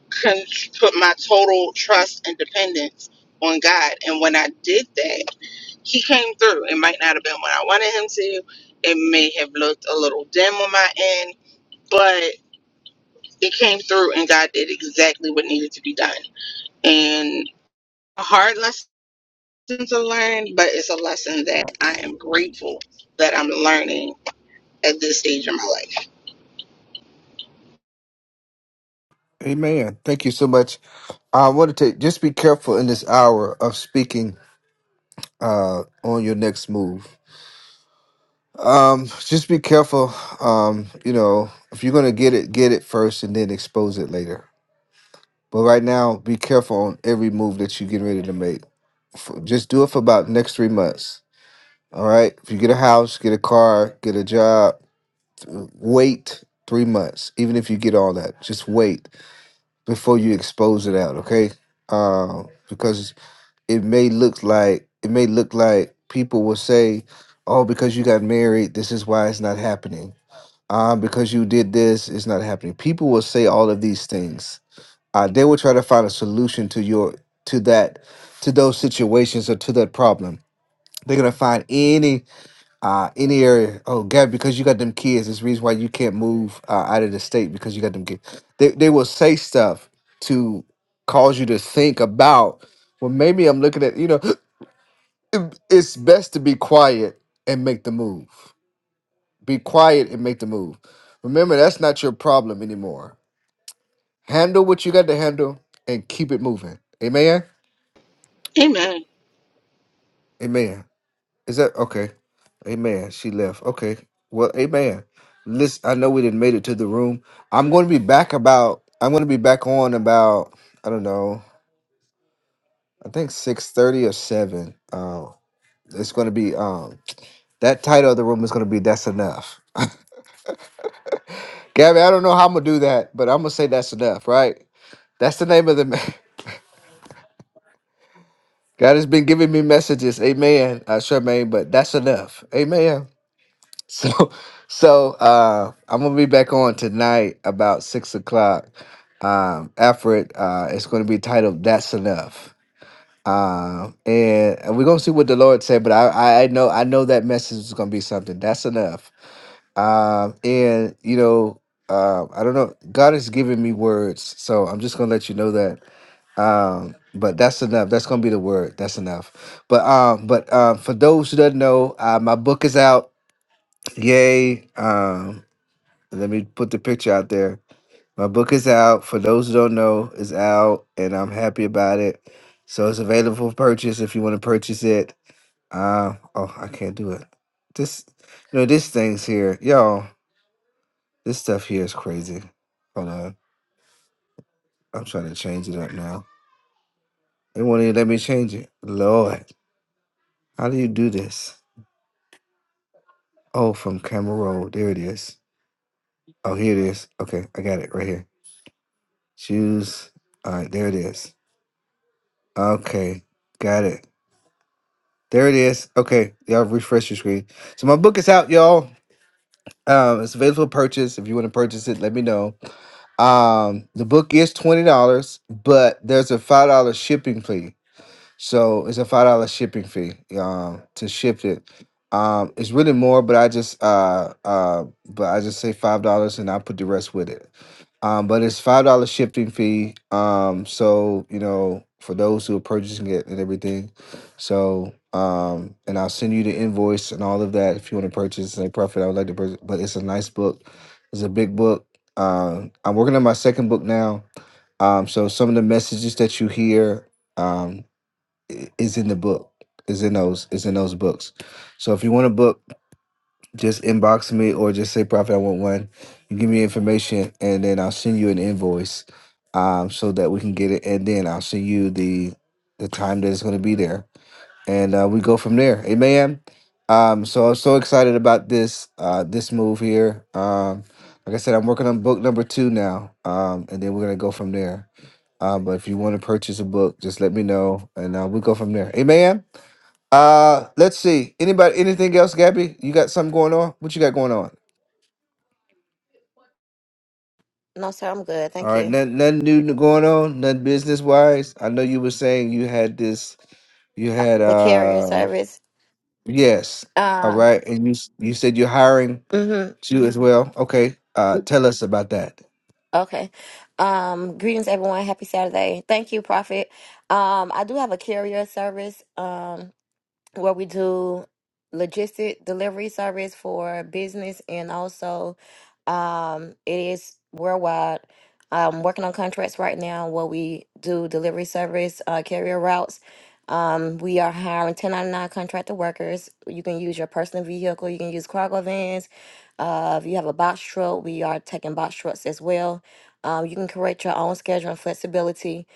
[SPEAKER 11] con- put my total trust and dependence on God. And when I did that, He came through. It might not have been what I wanted Him to. It may have looked a little dim on my end, but it came through, and God did exactly what needed to be done. And a hard lesson to learn, but it's a lesson that I am grateful that I'm learning at this stage in my life.
[SPEAKER 1] Amen. Thank you so much. I want to take just be careful in this hour of speaking uh, on your next move. Um, just be careful. Um, you know, if you're gonna get it, get it first and then expose it later. But right now, be careful on every move that you get ready to make. F- Just do it for about next three months. All right. If you get a house, get a car, get a job, th- wait three months. Even if you get all that, just wait before you expose it out. Okay. Um, because it may look like it may look like people will say, "Oh, because you got married, this is why it's not happening." uh, because you did this, it's not happening. People will say all of these things. Uh, they will try to find a solution to your to that to those situations or to that problem. They're gonna find any uh, any area. Oh, God, because you got them kids, it's the reason why you can't move uh, out of the state because you got them kids. They they will say stuff to cause you to think about. Well, maybe I'm looking at you know. It's best to be quiet and make the move. Be quiet and make the move. Remember, that's not your problem anymore Handle what you got to handle and keep it moving. Amen.
[SPEAKER 11] Amen.
[SPEAKER 1] Amen. Is that okay? Amen. She left. Okay. Well, amen. Listen, I know we didn't made it to the room. I'm going to be back about. I'm going to be back on about. I don't know. I think six thirty or seven. Uh, it's going to be um that title of the room is going to be that's enough gabby i don't know how i'm going to do that but i'm going to say that's enough right that's the name of the god has been giving me messages amen uh, charmaine but that's enough amen So, so uh, I'm gonna be back on tonight about six o'clock. Um, after it, Uh, it's gonna be titled "That's Enough," um, and, and we're gonna see what the Lord said. But I, I I know, I know that message is gonna be something. That's enough. Um, and you know, uh, I don't know. God has given me words, so I'm just gonna let you know that. Um, but that's enough. That's gonna be the word. That's enough. But um, but um, for those who don't know, uh, my book is out. Yay! Um, let me put the picture out there. My book is out. For those who don't know, it's out, and I'm happy about it. So it's available for purchase if you want to purchase it. Uh, oh, I can't do it. This, you know, this thing's here, y'all. This stuff here is crazy. Hold on, I'm trying to change it up now. It won't even let me change it. Lord, how do you do this? Oh, from camera roll. There it is. Oh, here it is. Okay, I got it right here. Choose. All right, there it is. Okay, got it. There it is. Okay, y'all refresh your screen. So my book is out, y'all. Um, it's available for purchase. If you want to purchase it, let me know. Um, the book is twenty dollars, but there's a five dollar shipping fee. So it's a five dollar shipping fee um, to ship it. Um, it's really more, but I just uh, uh, but I just say five dollars and I put the rest with it. Um, but it's five dollar shipping fee. Um, so you know for those who are purchasing it and everything. So um, and I'll send you the invoice and all of that if you want to purchase. Say profit, I would like to purchase, but it's a nice book. It's a big book. Um, I'm working on my second book now. Um, so some of the messages that you hear. um, i- is in the book. Is in those is in those books. So if you want a book, just inbox me or just say Prophet, I want one. You give me information and then I'll send you an invoice um so that we can get it and then I'll send you the the time that it's gonna be there and uh, we go from there. Amen. Um, so I'm so excited about this uh, this move here. Um, like I said, I'm working on book number two now, um, and then we're gonna go from there. Uh, but if you want to purchase a book, just let me know, and uh, we'll go from there. Amen. Uh, let's see. Anybody, anything else, Gabby? You got something going on? What you got going on?
[SPEAKER 2] No, sir, I'm good.
[SPEAKER 1] All
[SPEAKER 2] Thank
[SPEAKER 1] right,
[SPEAKER 2] you.
[SPEAKER 1] nothing, nothing new going on. Nothing business wise. I know you were saying you had this. You had
[SPEAKER 2] The carrier
[SPEAKER 1] uh,
[SPEAKER 2] service.
[SPEAKER 1] yes. All
[SPEAKER 2] Uh,
[SPEAKER 1] right, and you s- you said you're hiring
[SPEAKER 2] mhm.
[SPEAKER 1] You as well. Okay. Uh, tell us about that.
[SPEAKER 2] Okay. Um, greetings, everyone. Happy Saturday. Thank you, Prophet. Um, I do have a carrier service. Um, where we do logistic delivery service for business and also um, it is worldwide. I'm working on contracts right now where we do delivery service uh, carrier routes. Um, we are hiring 1099 contractor workers. You can use your personal vehicle. You can use cargo vans. Uh, if you have a box truck, we are taking box trucks as well. Um, you can create your own schedule and flexibility.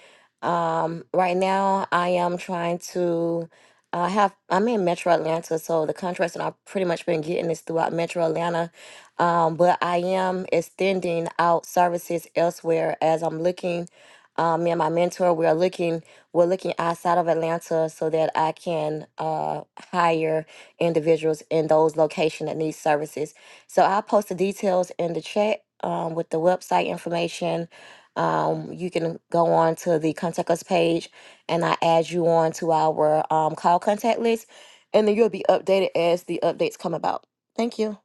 [SPEAKER 2] Um, right now, I am trying to I have I'm in Metro Atlanta, so the contracts that I've pretty much been getting is throughout Metro Atlanta. Um, but I am extending out services elsewhere as I'm looking. Um, me and my mentor, we are looking we're looking outside of Atlanta so that I can uh, hire individuals in those locations that need services. So I'll post the details in the chat um, with the website information. Um, you can go on to the contact us page and I add you on to our um, call contact list, and then you'll be updated as the updates come about. Thank you.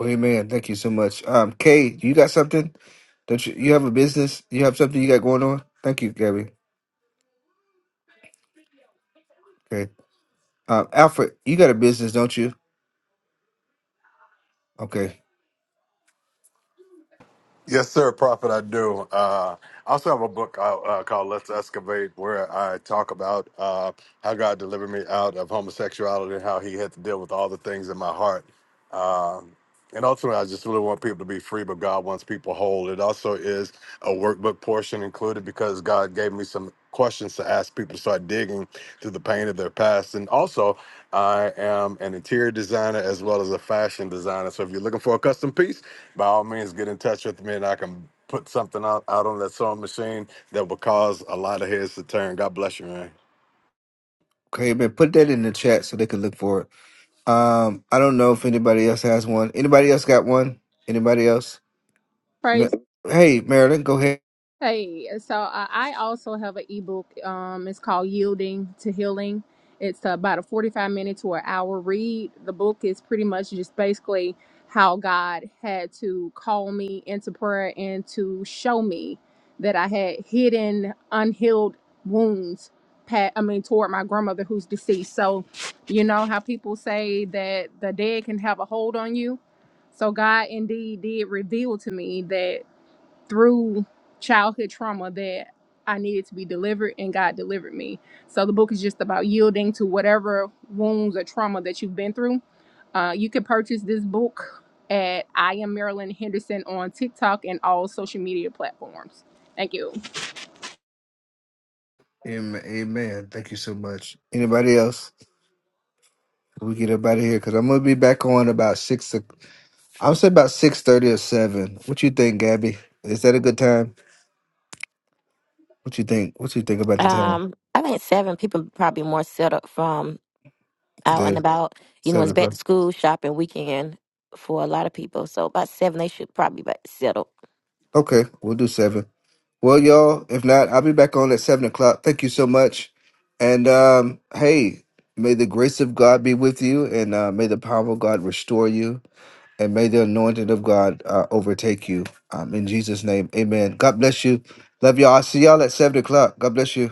[SPEAKER 1] Amen. Thank you so much. Um, Kay, you got something? Don't you? You have a business? You have something you got going on? Thank you, Gabby. Okay. Um, Alfred, you got a business, don't you? Okay.
[SPEAKER 8] Yes, sir, Prophet. I do. Uh, I also have a book out uh, called "Let's Excavate," where I talk about uh, how God delivered me out of homosexuality and how He had to deal with all the things in my heart. Um, and ultimately, I just really want people to be free, but God wants people whole. It also is a workbook portion included because God gave me some questions to ask people to start digging through the pain of their past, and also I am an interior designer as well as a fashion designer. So if you're looking for a custom piece, by all means, get in touch with me and I can put something out, out on that sewing machine that will cause a lot of heads to turn. God bless you, man.
[SPEAKER 1] Okay, man. Put that in the chat so they can look for it. Um, I don't know if anybody else has one. Anybody else got one? Anybody else? Ma- Hey, Marilyn, go ahead.
[SPEAKER 9] Hey, so uh, I also have an ebook. Um, it's called Yielding to Healing. It's about a 45 minute to an hour read. The book is pretty much just basically how God had to call me into prayer and to show me that I had hidden unhealed wounds. Pat, I mean, toward my grandmother who's deceased. So, you know how people say that the dead can have a hold on you. So God indeed did reveal to me that through childhood trauma that I needed to be delivered, and God delivered me. So the book is just about yielding to whatever wounds or trauma that you've been through. Uh, you can purchase this book at I am Marilyn Henderson on TikTok and all social media platforms. Thank you.
[SPEAKER 1] Amen. Amen. Thank you so much. Anybody else? We get up out of here because I'm gonna be back on about six. o'clock. I would say about six thirty or seven. What you think, Gabby? Is that a good time? What you think? What you think about the time
[SPEAKER 2] Um, I think seven people probably more set up from out and
[SPEAKER 1] today?
[SPEAKER 2] about. You know,
[SPEAKER 1] Seven
[SPEAKER 2] it's back
[SPEAKER 1] o'clock.
[SPEAKER 2] to school shopping weekend for a lot of people. So about seven, they should probably be settled.
[SPEAKER 1] Okay, we'll do seven. Well, y'all, if not, I'll be back on at seven o'clock. Thank you so much. And um, hey, may the grace of God be with you, and uh, may the power of God restore you, and may the anointing of God uh, overtake you. Um, in Jesus' name, Amen. God bless you. Love y'all. I'll see y'all at seven o'clock. God bless you.